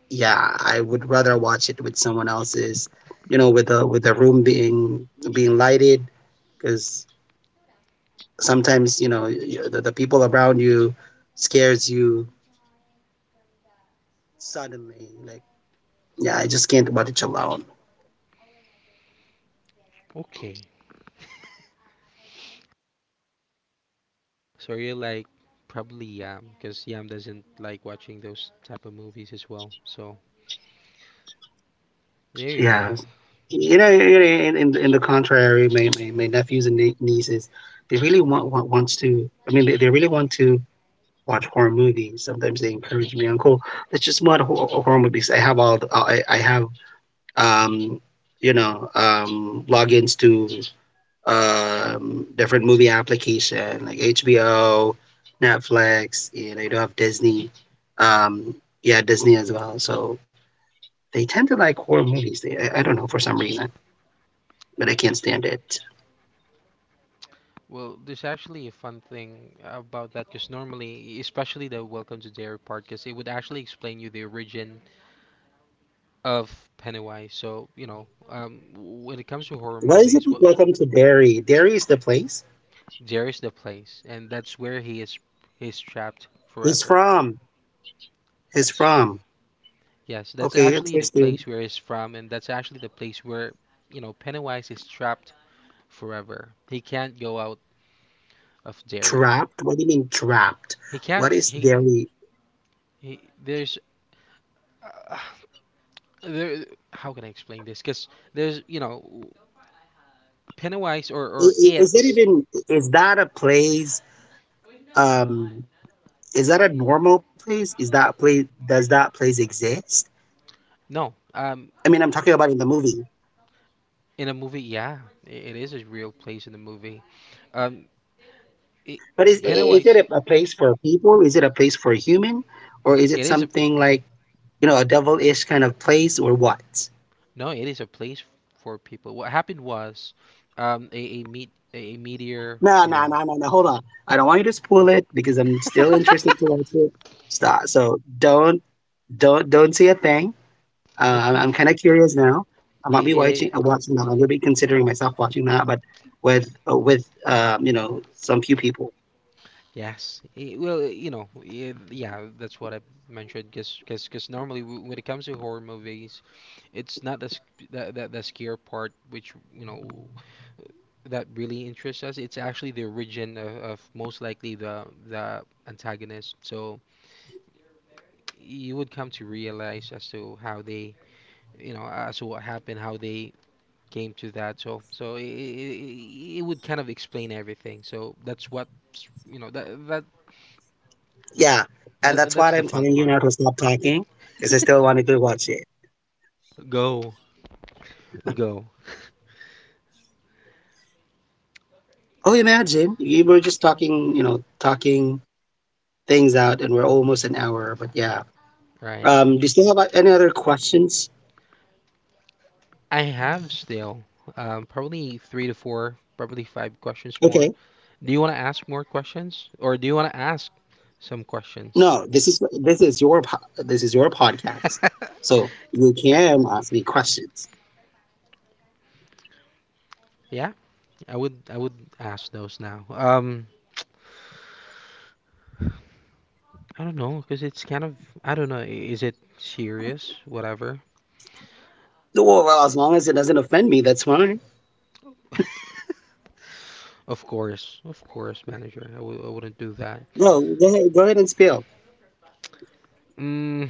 S1: yeah, I would rather watch it with someone else's. You know, with the with the room being being lighted, because sometimes, you know, you, the, the people around you scares you suddenly, like, yeah, I just can't watch it alone.
S2: okay. So you're like probably Yam, because Yam doesn't like watching those type of movies as well. So there you
S1: Yeah,
S2: go.
S1: you know, you know, in, in, in the contrary, my, my, my nephews and nie- nieces, they really want, want wants to, I mean, they, they really want to watch horror movies. Sometimes they encourage me, uncle, let's just watch hor- horror movies. I have all the, i, I have um you know um logins to um, different movie application like H B O, Netflix, and I do have Disney. Um, yeah, Disney as well. So they tend to like horror movies. They, I, I don't know, for some reason, but I can't stand it.
S2: Well, there's actually a fun thing about that because normally, especially the Welcome to Dairy part, because it would actually explain you the origin of Pennywise. So, you know, um, when it comes to horror
S1: Why is it
S2: movies, what
S1: welcome to Derry? Derry is the place.
S2: Dairy's the place, and that's where he is he's trapped
S1: He's
S2: forever.
S1: from. He's
S2: Yes.
S1: from.
S2: Yes, that's
S1: Okay,
S2: actually the
S1: interesting.
S2: place where he's from, and that's actually the place where, you know, Pennywise is trapped forever. He can't go out of Derry.
S1: Trapped. What do you mean trapped?
S2: He
S1: What
S2: can't.
S1: is
S2: He
S1: Derry?
S2: he. There's. There, how can I explain this? Because there's, you know, Pennywise, or
S1: I-
S2: or
S1: i- Is that
S2: it's.
S1: even? Is that a place? um is that a normal place? Is that place, does that place exist?
S2: No,
S1: I mean, I'm
S2: um
S1: talking about in the movie.
S2: in a movie, yeah, i- it is a real place in the movie, um it,
S1: But is is it
S2: Pennywise,
S1: a, a place for people? Is it a place for a human, or is it
S2: it is a,
S1: something like, you know, a devilish kind of place or what?
S2: no, it is a place for people. What happened was, um a a meet a, meteor,
S1: no
S2: you
S1: no
S2: know,
S1: no no No, hold on, I don't want you to spoil it, because I'm still interested to watch it. Stop, so don't, don't don't say a thing. Uh,
S2: okay.
S1: I'm kind of curious now. I might be
S2: it,
S1: watching,
S2: it,
S1: uh,
S2: i-
S1: watching that. I'm gonna be considering myself watching that, but with uh, with um, you know, some few people.
S2: yes, it, well, uh, you know, it, yeah, that's what I mentioned, because because normally, w- when it comes to horror movies, it's not the, sc- the, the, the scare part, which, you know, that really interests us. It's actually the origin of, of most likely, the the antagonist. So you would come to realize as to how they, you know, as to what happened, how they came to that. So so it, it, it would kind of explain everything. So that's what, you know, that that,
S1: Yeah, and
S2: that,
S1: that's
S2: that's
S1: what
S2: the
S1: I'm
S2: fun
S1: telling you
S2: part.
S1: now, to stop talking because I still wanted to go watch it.
S2: Go, go,
S1: Oh, imagine we were just talking, you know, talking things out, and we're almost an hour. But yeah,
S2: right.
S1: um, do you still have uh, any other questions?
S2: I have still, um, probably three to four, probably five questions
S1: Okay,
S2: more. Do you want to ask more questions, or do you want to ask some questions?
S1: no, this is this is your po- this is your podcast, so you can ask me questions.
S2: Yeah, I would I would ask those now. Um, I don't know, because it's kind of, I don't know. i- Is it serious? Whatever.
S1: Well, well, as long as it doesn't offend me, that's fine.
S2: Of course, of course, manager. I w I wouldn't do that.
S1: No, go ahead, go ahead and spill.
S2: Mm,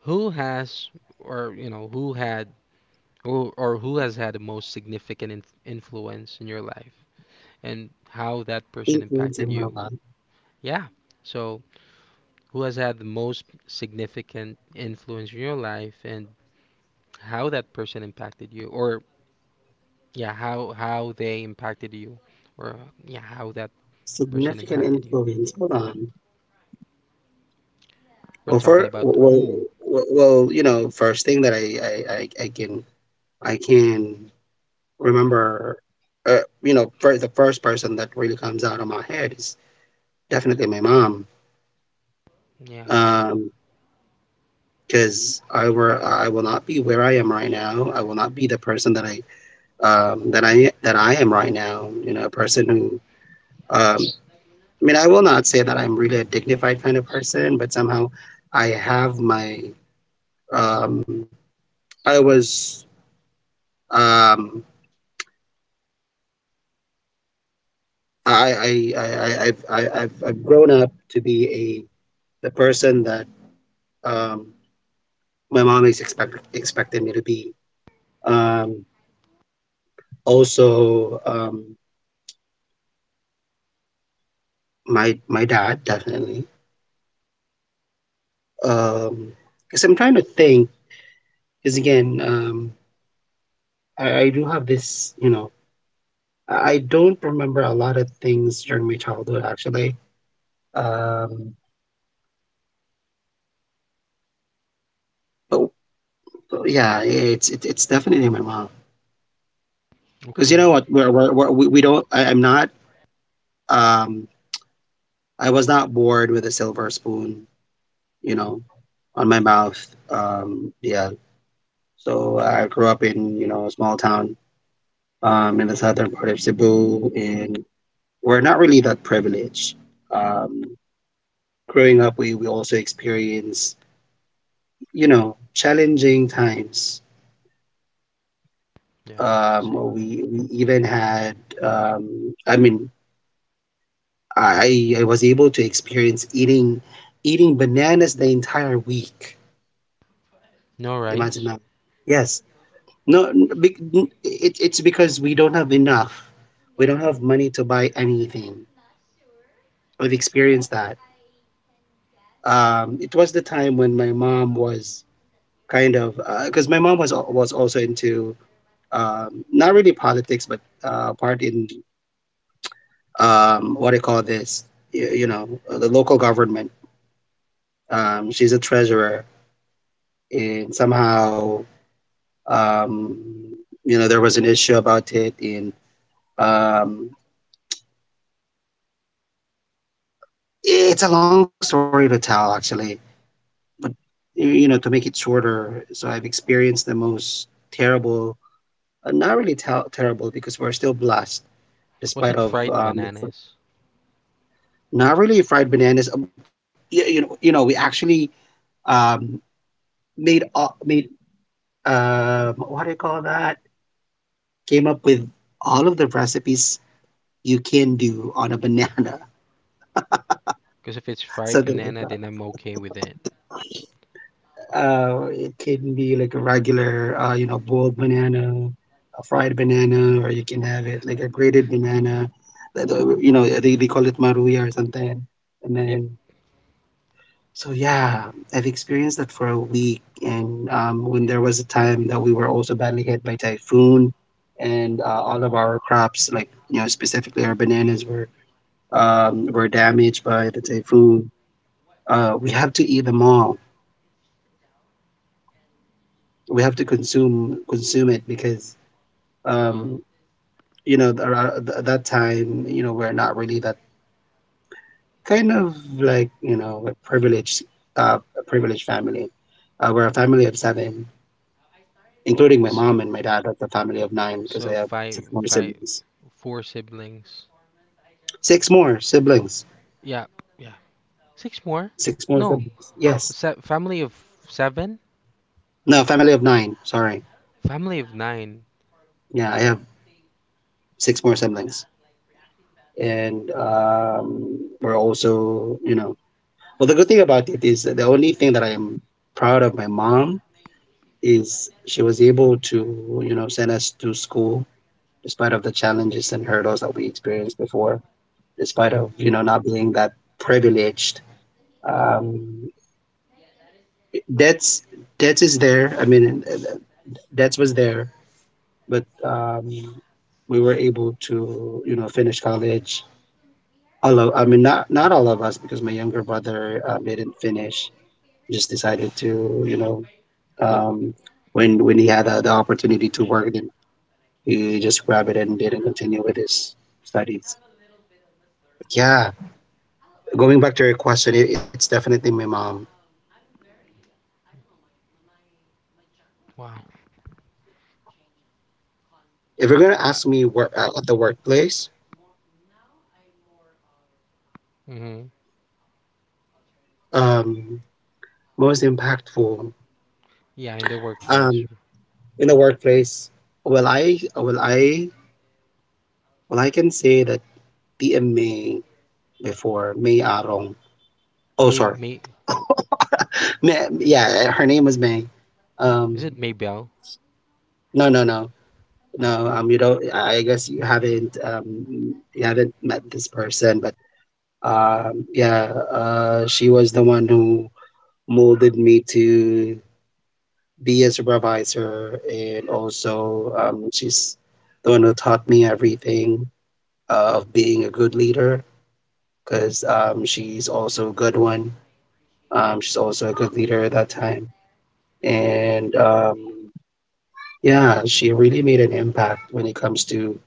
S2: who has, or, you know, who had, or, or who has had the most significant inf- influence in your life, and how that person
S1: Influence in
S2: impacted
S1: real
S2: you.
S1: life.
S2: Yeah. So, who has had the most significant influence in your life and how that person impacted you? Or yeah, how how they impacted you, or uh, yeah, how that person
S1: Significant
S2: impacted you.
S1: influence. Hold on.
S2: We're
S1: Well,
S2: talking
S1: for
S2: about
S1: well,
S2: who.
S1: well, well, you know, first thing that I I, I, I can I can remember, uh, you know, for the first person that really comes out of my head is definitely my mom.
S2: Yeah.
S1: Um, because I were I will not be where I am right now. I will not be the person that I um that I that I am right now. You know, a person who um I mean, I will not say that I'm really a dignified kind of person, but somehow I have my. Um, I was. Um, I, I, I, I- I've, I, I've, I've grown up to be a the person that um, my mom is expect, expected me to be. Um, also, um, my my dad definitely. Um Because I'm trying to think. Because again, um, I, I do have this, you know, I don't remember a lot of things during my childhood, actually. Um, oh, yeah, it's it, it's definitely my mom. Because you
S2: Okay.
S1: know what, we're, we're, we're, we we don't. I, I'm not. Um, I was not bored with a silver spoon, you know, on my mouth. Um, yeah. So I grew up in, you know, a small town um, in the southern part of Cebu, and we're not really that privileged. Um, growing up, we we also experience, you know, challenging times.
S2: Yeah.
S1: Um,
S2: Same.
S1: we we even had um, I mean, I I was able to experience eating eating bananas the entire week.
S2: No rice.
S1: Imagine that. Yes. No, n- bec- n- it, it's because we don't have enough. We don't have money to buy anything. I've experienced that. Um, it was the time when my mom was kind of, because my mom was al- was also into um, not really politics, but uh, part in, um, what do you call this? You, you know, the local government. Um, she's a treasurer, and somehow, um, you know, there was an issue about it. And um, it's a long story to tell, actually. But you know, to make it shorter, so I've experienced the most terrible, uh, not really tel- terrible, because we're still blessed
S2: Was
S1: despite
S2: it
S1: of
S2: fried
S1: um, the fr-
S2: bananas?
S1: not really fried bananas. Uh, You, you know, you know, we actually um, made all made um, what do you call that? Came up with all of the recipes you can do on a banana,
S2: Because if it's fried
S1: something like
S2: banana,
S1: that.
S2: then I'm okay with it.
S1: Uh, it can be like a regular, uh, you know, boiled banana, a fried banana, or you can have it like a grated banana. That, uh, you know, they, they call it maruya or something. And
S2: Yep.
S1: then, so yeah, I've experienced that for a week, and um, when there was a time that we were also badly hit by typhoon, and uh, all of our crops, like, you know, specifically our bananas, were um, were damaged by the typhoon. Uh, we have to eat them all. We have to consume consume it because
S2: Well,
S1: um, you know there are, at that time, you know, we're not really that kind of, like, you know, a privileged uh, a privileged family. Uh, we're a family of seven including my
S2: s-
S1: mom and my dad. That's a family of nine because I
S2: so
S1: have
S2: five,
S1: six more
S2: five,
S1: siblings.
S2: four siblings.
S1: Six more siblings.
S2: Yeah, yeah. Six more?
S1: Six more
S2: No,
S1: siblings. Yes.
S2: se- family of seven,
S1: No, family of nine. Sorry.
S2: family of nine.
S1: Yeah, I have six more siblings, and um, we're also, you know, well, the good thing about it is that the only thing that I am proud of my mom is she was able to, you know, send us to school despite of the challenges and hurdles that we experienced before, despite
S2: Yeah,
S1: of you know not being that privileged. Um, that's that is there. I mean, uh, uh, that was there, but um, we were able to you know finish college. All of, I mean, not not all of us because my younger brother um, didn't finish. Just decided to you know
S2: but
S1: um, when when he had uh, the opportunity to work, then he just grabbed it and didn't continue with his studies. Yeah, going back to your question, it, it's definitely my mom.
S2: wow.
S1: If you're gonna
S2: I,
S1: ask me work uh, at the workplace,
S2: hmm.
S1: um, most impactful.
S2: Yeah, in the workplace.
S1: Um, in the workplace, well, I well I well I can say that P M May before May Arong. Oh,
S2: May,
S1: sorry.
S2: may,
S1: May, yeah, her name was May.
S2: is it
S1: Um,
S2: Maybell?
S1: no, no, no,
S2: Ah,
S1: no.
S2: okay,
S1: Um, you don't. I guess you haven't. Um, you haven't met this person, but um, yeah. Uh, she was the one who molded me to be a supervisor, and also um, she's the one who taught me everything uh, of being a good leader because um, she's also a good one. Um, she's also a good leader at that time. And um, yeah, she really made an impact when it comes to,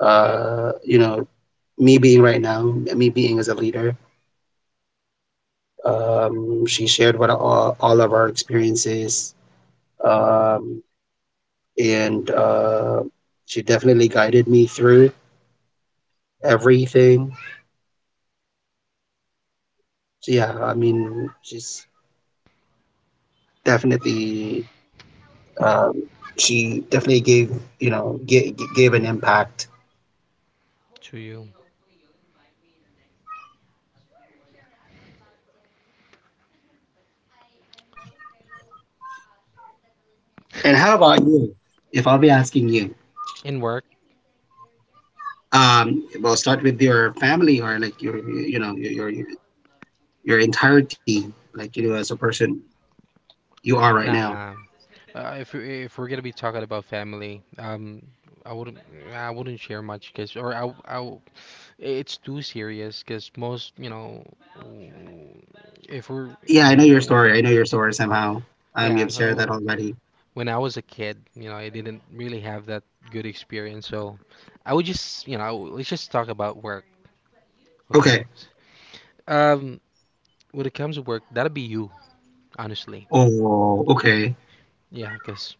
S1: uh, you know, me being right now, me being as a leader. Um, she shared what all, all of our experiences, um, and uh, she definitely guided me through everything. So yeah, I mean, she's definitely Um, she definitely gave you know g- g- gave an impact.
S2: to you.
S1: And how about you? If I'll be asking you,
S2: In work?
S1: um, well, start with your family or like your you know your your, your entirety, like you know as a person you are right now.
S2: Nah. Uh, if we- if we're gonna be talking about family, um, I wouldn't I wouldn't share much, cause, or I I it's too serious because, most, you know, if we're,
S1: Yeah,
S2: you
S1: I know your
S2: know,
S1: story. I know your story somehow. Um,
S2: yeah.
S1: you've shared that
S2: Oh,
S1: already.
S2: when I was a kid, you know, I didn't really have that good experience, so I would just, you know, let's just talk about work.
S1: Okay.
S2: Okay. Um when it comes to work, that'll be you, honestly.
S1: Oh, okay.
S2: Yeah, because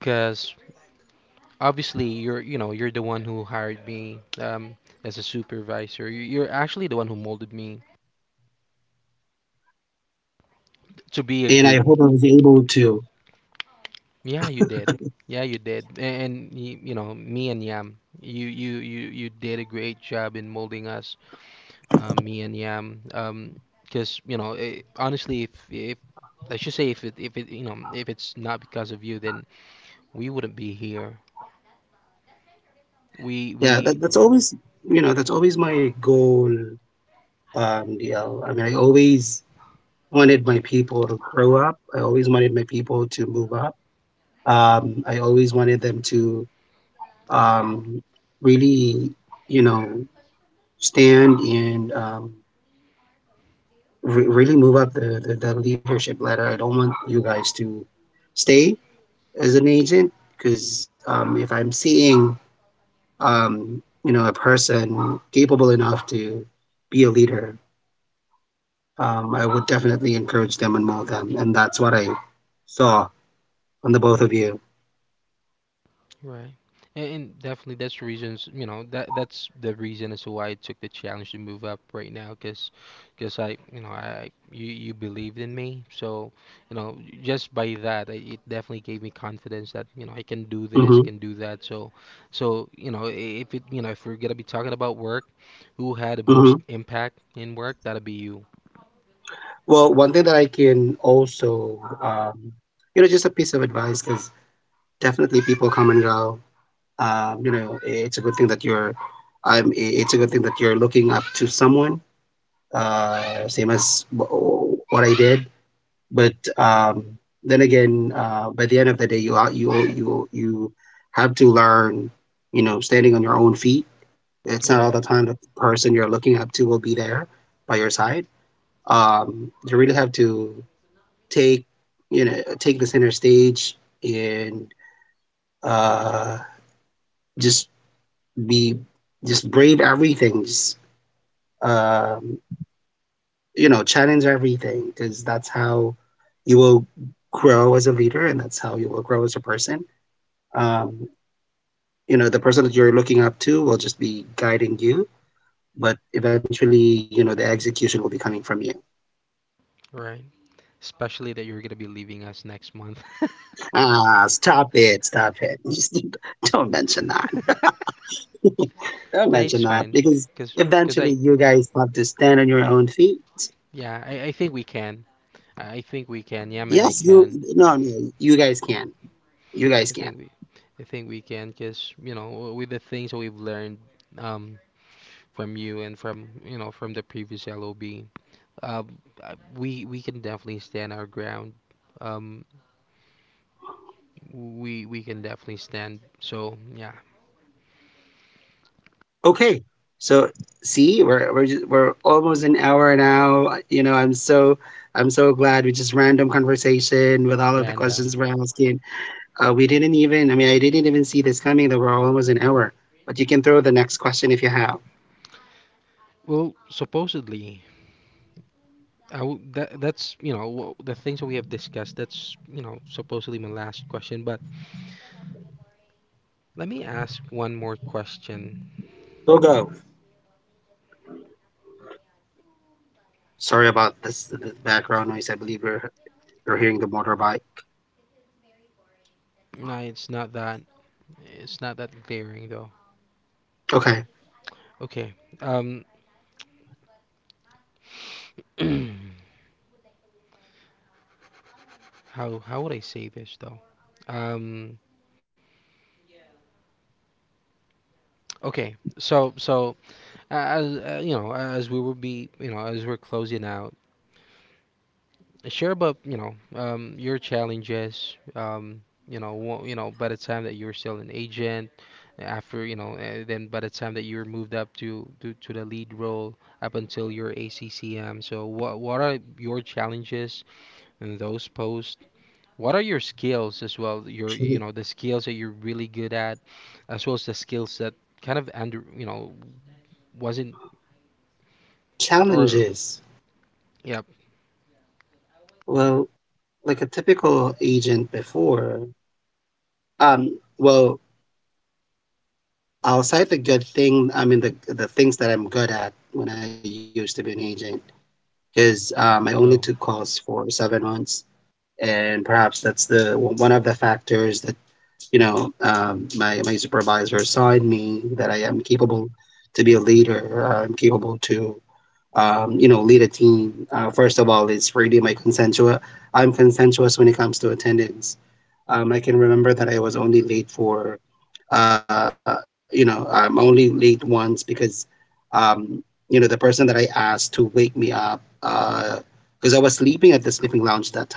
S2: because obviously you're, you know, you're the one who hired me, um as a supervisor. You- you're actually the one who molded me to be a
S1: And I
S2: good
S1: hope I was able to.
S2: Yeah, you did. Yeah, you did. A- And, y you know, me and Yam, you you you you did a great job in molding us, uh, me and Yam. Um, because, you know, eh, honestly, if if I should say, if it if it, you know, if it's not because of you, then we wouldn't be here. We
S1: Yeah,
S2: we
S1: that, that's always you know that's always my goal. Um, D L. I mean, I always wanted my people to grow up. I always wanted my people to move up. Um, I always wanted them to um, really, you know, stand and um, re- really move up the, the, the leadership ladder. I don't want you guys to stay as an agent because um, if I'm seeing, um, you know, a person capable enough to be a leader, um, I would definitely encourage them and mold them. And that's what I saw on the both of you.
S2: Right. And, and definitely that's the reasons, you know, that that's the reason as to why I took the challenge to move up right now, cuz, cuz I, you know, I you you believed in me. So, you know, just by that, I, it definitely gave me confidence that, you know, I can do this,
S1: Mhm.
S2: I can do that. So, so, you know, i- if it, you know, if we're going to be talking about work, who had the
S1: Hmm.
S2: most impact in work, that'll be you.
S1: Well, one thing that I can also, um, you know, just a piece of advice because definitely people come and go. Um, you know, it's a good thing that you're, I'm. It's a good thing that you're looking up to someone. Uh, same as w- what I did, but um, then again, uh, by the end of the day, you are you you you have to learn. You know, standing on your own feet. It's not
S2: Right.
S1: all the time that the person you're looking up to will be there by your side. Um, you really have to take you know take the center stage and uh, just be just brave everything. Just um, you know challenge everything because that's how you will grow as a leader and that's how you will grow as a person. Um, you know the person that you're looking up to will just be guiding you. But eventually, you know, the execution will be coming from you.
S2: Right. Especially that you're going to be leaving us next month.
S1: Ah, stop it, stop it. Just don't mention that. Don't
S2: No, it's
S1: mention that
S2: fine.
S1: because
S2: Cause, cause
S1: eventually
S2: I,
S1: you guys have to stand on your own feet.
S2: yeah, I, I think we can. I I think we can. Yam and I
S1: Yes, you.
S2: can.
S1: No, no, you guys can. You guys
S2: I
S1: can.
S2: think we, I think we can. Cause, you know, with the things that we've learned, um, from you, and from, you know, from the previous L O B, um, uh, we we can definitely stand our ground. Um, we we can definitely stand. So yeah,
S1: Okay. So see, we're we're just, we're almost an hour now. You know, I'm so I'm so glad we just random conversation with all of the
S2: random.
S1: questions we're asking. Uh, we didn't even. I mean, I didn't even see this coming. That we're almost an hour. But you can throw the next question if you have.
S2: Well, supposedly, I w that that's, you know, wh- the things that we have discussed. That's, you know, supposedly my last question, but. Let me ask one more question.
S1: We'll go. Sorry about this the background noise. I believe you're you're hearing the motorbike.
S2: Nah, it's not that it's not that glaring though.
S1: Okay.
S2: Okay. Um how how would I say this though? Um okay. So so a- as, uh, you know, as we will be, you know, as we're closing out, share about, you know, um, your challenges, um, you know, wha- you know, by the time that you were still an agent, after, you know, uh, then by the time that you were moved up to, to to the lead role, up until your A C C M. So what what are your challenges in those posts? What are your skills, as well, your, you know, the skills that you're really good at, as well as the skills that kind of under, you know, wasn't,
S1: Challenges.
S2: or, yep,
S1: Well, like a typical agent before, um, well, I'll cite the good thing, I mean, the, the things that I'm good at when I used to be an agent, because um, I only took
S2: go,
S1: calls for seven months. And perhaps that's the one of the factors that, you know, um, my, my supervisor saw in me that I am capable to be a leader, I'm capable to um, you know, lead a team. Uh, first of all, it's really my consensual. I'm consensuous when it comes to attendance. Um, I can remember that I was only late for, uh, you know, I'm only late once because, um, you know, the person that I asked to wake me up, because I was sleeping at the sleeping lounge that time,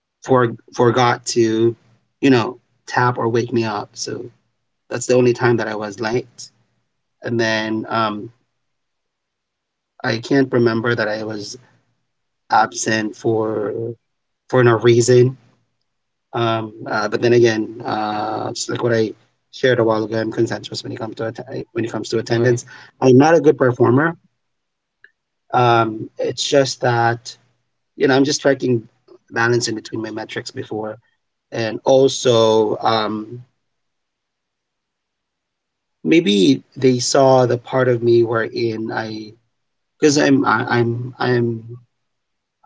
S1: for forgot to, you know, tap or wake me up. So that's the only time that I was late. And then um, I can't remember that I was absent for for no reason. Um, uh, but then again, uh, just like what I shared a while ago, I'm consensus when it comes to att- when it comes to
S2: right,
S1: attendance. I'm not a good performer. Um, it's just that you know I'm just striking balance in between my metrics before, and also um, maybe they saw the part of me wherein I because I'm I, I'm I'm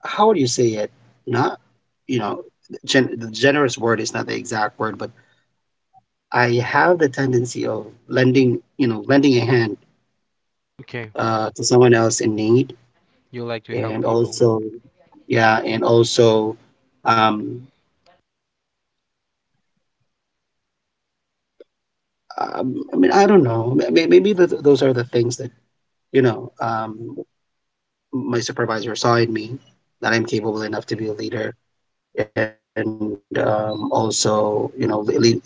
S1: how would you say it? Not you know gen- the generous word is not the exact word, but I have the tendency of lending, you know, lending a hand
S2: okay,
S1: uh, to someone else in need,
S2: you like to help
S1: and
S2: people,
S1: also, yeah, and also, um, um, I mean, I don't know. May- may- Maybe th those are the things that, you know, um, my supervisor saw in me that I'm capable enough to be a leader, and um, also, you know, le leading a team.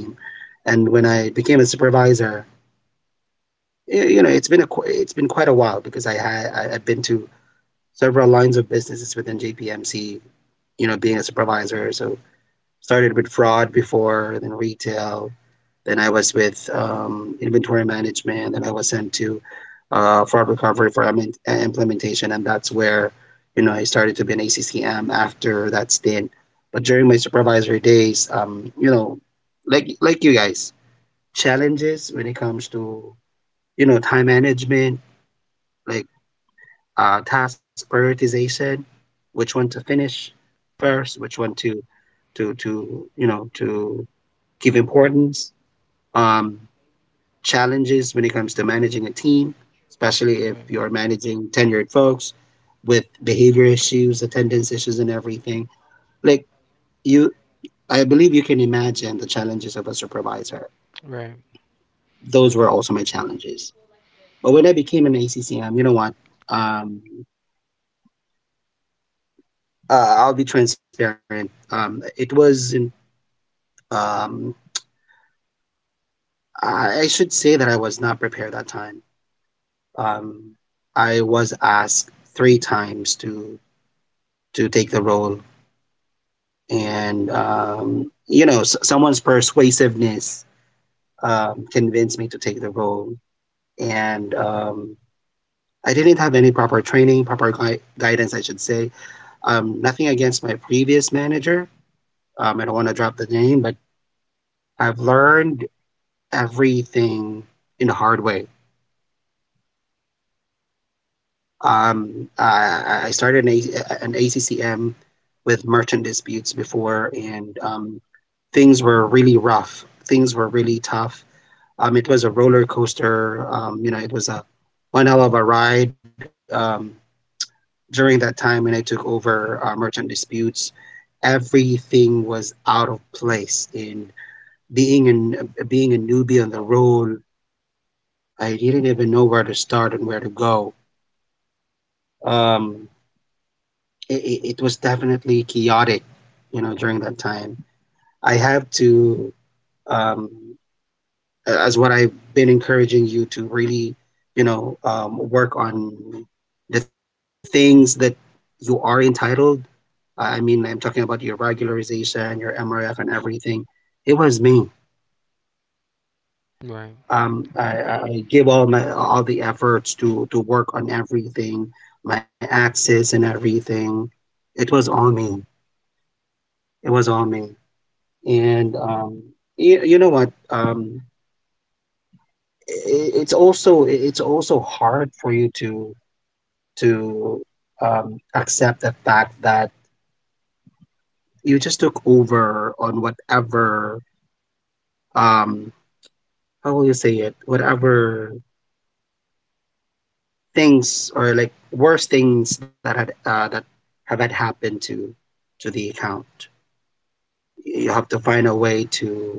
S1: And when I became a supervisor, y- you know, it's been a qu- it's been quite a while because I had I, I've been to several lines of businesses within J P M C, you know, being a supervisor. So started with fraud before, then retail, then I was with um, inventory management, and I was sent to uh, fraud recovery for implementation, and that's where you know I started to be an A C C M after that stint. But during my supervisory days, um, you know, like like you guys, challenges when it comes to you know time management, like uh, task prioritization, which one to finish first, which one to to to you know to give importance. Um, challenges when it comes to managing a team, especially if
S2: right,
S1: you're managing tenured folks with behavior issues, attendance issues, and everything. Like you, I believe you can imagine the challenges of a supervisor.
S2: right.
S1: Those were also my challenges. But when I became an A C C M, you know what? Um, uh, I'll be transparent. Um, it was in Um, I should say that I was not prepared that time. Um, I was asked three times to to take the role, and um, you know, s- someone's persuasiveness um, convinced me to take the role, and um, I didn't have any proper training, proper gui- guidance, I should say. Um, nothing against my previous manager. Um, I don't want to drop the name, but I've learned everything in a hard way. Um, I, I started an, A- an A C C M with merchant disputes before, and um, things were really rough. Things were really tough. Um, it was a roller coaster. Um, you know, it was a one hell of a ride. Um, during that time when I took over uh, merchant disputes, everything was out of place. And being an being a newbie on the road, I didn't even know where to start and where to go. Um, it, it it was definitely chaotic, you know, during that time. I have to, um, as what I've been encouraging you to really, you know, um, work on the things that you are entitled. I I mean, I'm talking about your regularization, your M R F, and everything. It was me.
S2: Right.
S1: Um, I, I I give all my all the efforts to to work on everything, my access and everything. It was all me. It was all me and um, you, you know what um, I it's also it's also hard for you to to um, accept the fact that you just took over on whatever um, how will you say it, whatever things or like worst things that had uh, that have had happened to to the account. You have to find a way to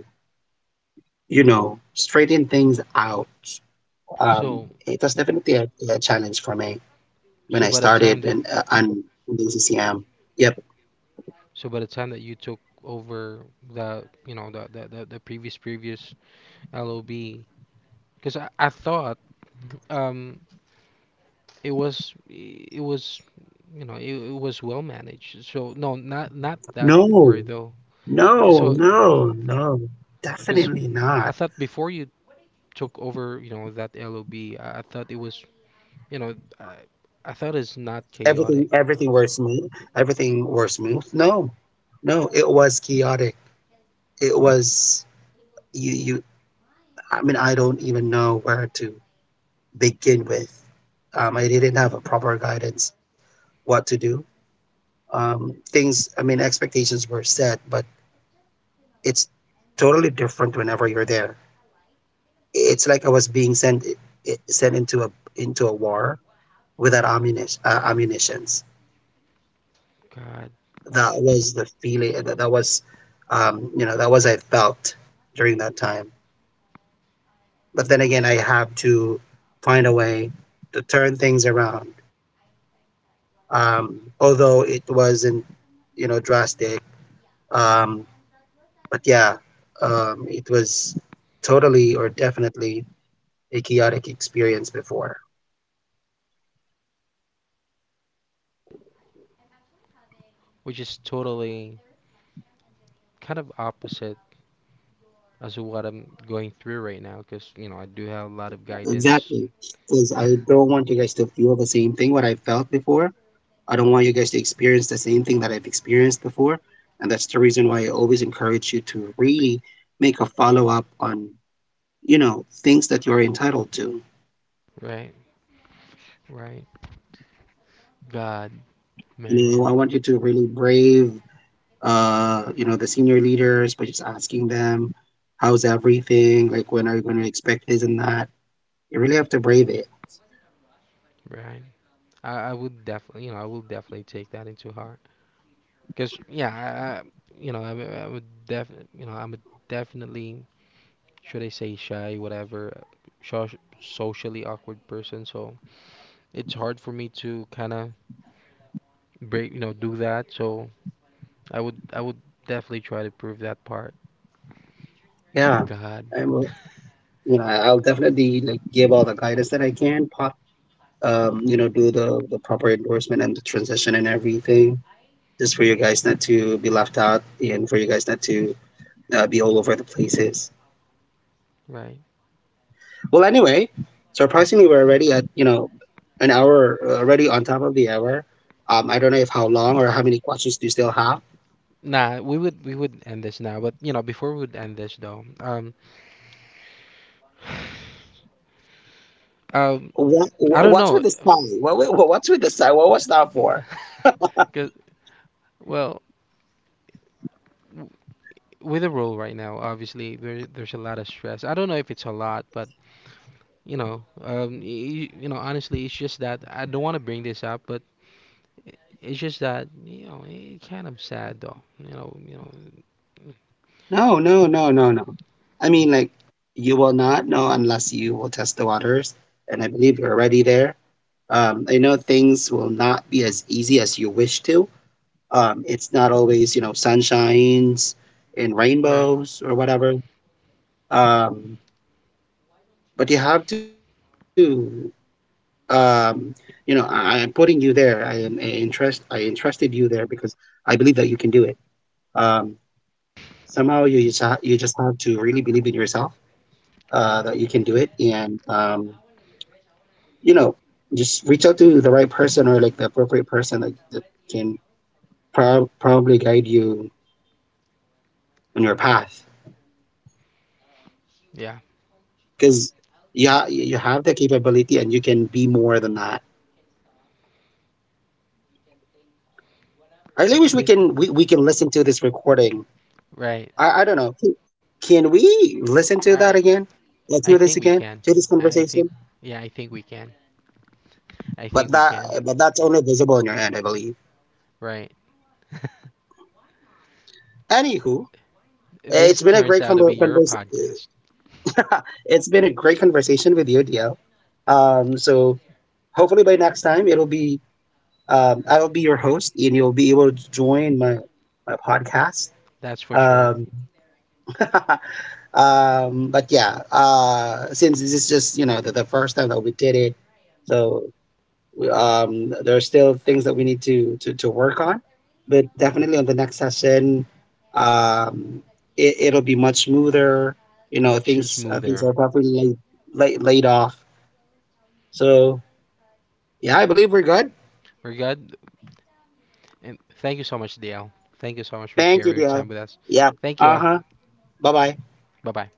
S1: you know straighten things out. um,
S2: So,
S1: it was definitely a, a challenge for me when
S2: so
S1: I
S2: by the time
S1: started
S2: that,
S1: and uh, and in C C M. Yep.
S2: so by the time that you took over the, you know, the the, the, the previous, previous L O B, because I, I thought, um it was, it was you know, it, it was well managed. So no, not, not that
S1: No,
S2: word though.
S1: no,
S2: So
S1: no, no.
S2: because
S1: Definitely
S2: I
S1: not.
S2: thought before you took over, you know, that L O B, I I thought it was, you know, I, I thought it's not
S1: Everything,
S2: chaotic.
S1: everything were smooth. Everything were smooth. No, no. It was chaotic. It was you. You. I mean, I don't even know where to begin with. Um, I didn't have a proper guidance what to do. Um, things. I mean, expectations were set, but it's totally different whenever you're there. It's like I was being sent eh, sent into a into a war without ammunition. Uh, ammunitions.
S2: God,
S1: That was the feeling. That, that was, um, you know, that was I felt during that time. But then again, I have to find a way to turn things around. Um, although it wasn't, you know, drastic. Um, but yeah, um, it was totally or definitely a chaotic experience before.
S2: which is totally kind of opposite, as what I'm going through right now because, you know, I do have a lot of guidance.
S1: Exactly. Because I don't want you guys to feel the same thing what I felt before. I don't want you guys to experience the same thing that I've experienced before. And that's the reason why I always encourage you to really make a follow up on, you know, things that you're entitled to.
S2: Right, right. God,
S1: You know, I want
S2: man,
S1: you to really brave, uh, you know, the senior leaders by just asking them, how's everything? Like, when are you going to expect this and that? You really have to brave it.
S2: right. I, I would definitely, you know, I will definitely take that into heart, because yeah, I, I you know, I, I would definitely, you know, I'm a, definitely, should I say shy, whatever, sho- socially awkward person, so it's hard for me to kind of break, you know, do that. So I would I would definitely try to prove that part.
S1: Yeah.
S2: God.
S1: I will, you know, I'll definitely like give all the guidance that I can po- um, you know, do the, the proper endorsement and the transition and everything, just for you guys not to be left out and for you guys not to uh, be all over the places.
S2: Right.
S1: Well, anyway, surprisingly, we're already at, you know, an hour, uh, already on top of the hour. Um, I don't know if how long or how many questions do you still have.
S2: Nah, we would, we would end this now, but, you know, before we would end this though, um, um,
S1: What,
S2: I don't
S1: what's with
S2: know.
S1: the sign? What, what, what's with the sign? What was that for?
S2: Cause, well, w- with the role right now, obviously there there's a lot of stress. I don't know if it's a lot, but, you know, um, you, you know, honestly, it's just that I don't want to bring this up, but, i- it's just that, you know, it's kind of sad though, you know, you know,
S1: No, no, no, no, no. I mean, like, you will not know unless you will test the waters. And I believe you're already there. Um, I know things will not be as easy as you wish to. Um, it's not always, you know, sunshines and
S2: right,
S1: rainbows or whatever. Um, but you have to, um, you know, I, I'm putting you there. I am I interest. I entrusted you there because I believe that you can do it. Um, somehow you just ha- you just have to really believe in yourself, uh, that you
S2: right,
S1: can do it, and um, you know, just reach out to the right person or like the appropriate person that, that can prob- probably guide you on your path,
S2: yeah,
S1: because yeah, you ha- you have the capability and you can be more than that. I really wish we
S2: this,
S1: can we, we can listen to this recording.
S2: right.
S1: I i don't know. Can can we listen to
S2: I
S1: that again?
S2: I
S1: Let's do
S2: think
S1: this
S2: we
S1: again
S2: can.
S1: to this
S2: I think,
S1: conversation.
S2: yeah, I think we can. I think
S1: but
S2: we
S1: that
S2: can.
S1: but that's only visible on your end, I believe.
S2: Right.
S1: Anywho,
S2: This
S1: it's been a
S2: turns
S1: great
S2: out to be
S1: conver
S2: your
S1: convers-
S2: podcast.
S1: it's been a great conversation with you, DL. Um so hopefully by next time it'll be— Um, I will be your host, and you'll be able to join my my podcast.
S2: That's for sure.
S1: Um, um, but yeah, uh, since this is just, you know, the, the first time that we did it, so we- um, there are still things that we need to to, to work on. But definitely on the next session, um, it, it'll be much smoother. You know,
S2: Much
S1: things uh, things
S2: smoother.
S1: are properly laid, laid laid off. So yeah, I believe we're good.
S2: We're good. And thank you so much, D L. Thank you so much for
S1: Thank you,
S2: sharing your time
S1: Dio.
S2: with us.
S1: Yeah.
S2: Thank
S1: Uh
S2: you.
S1: huh. Bye bye.
S2: Bye bye.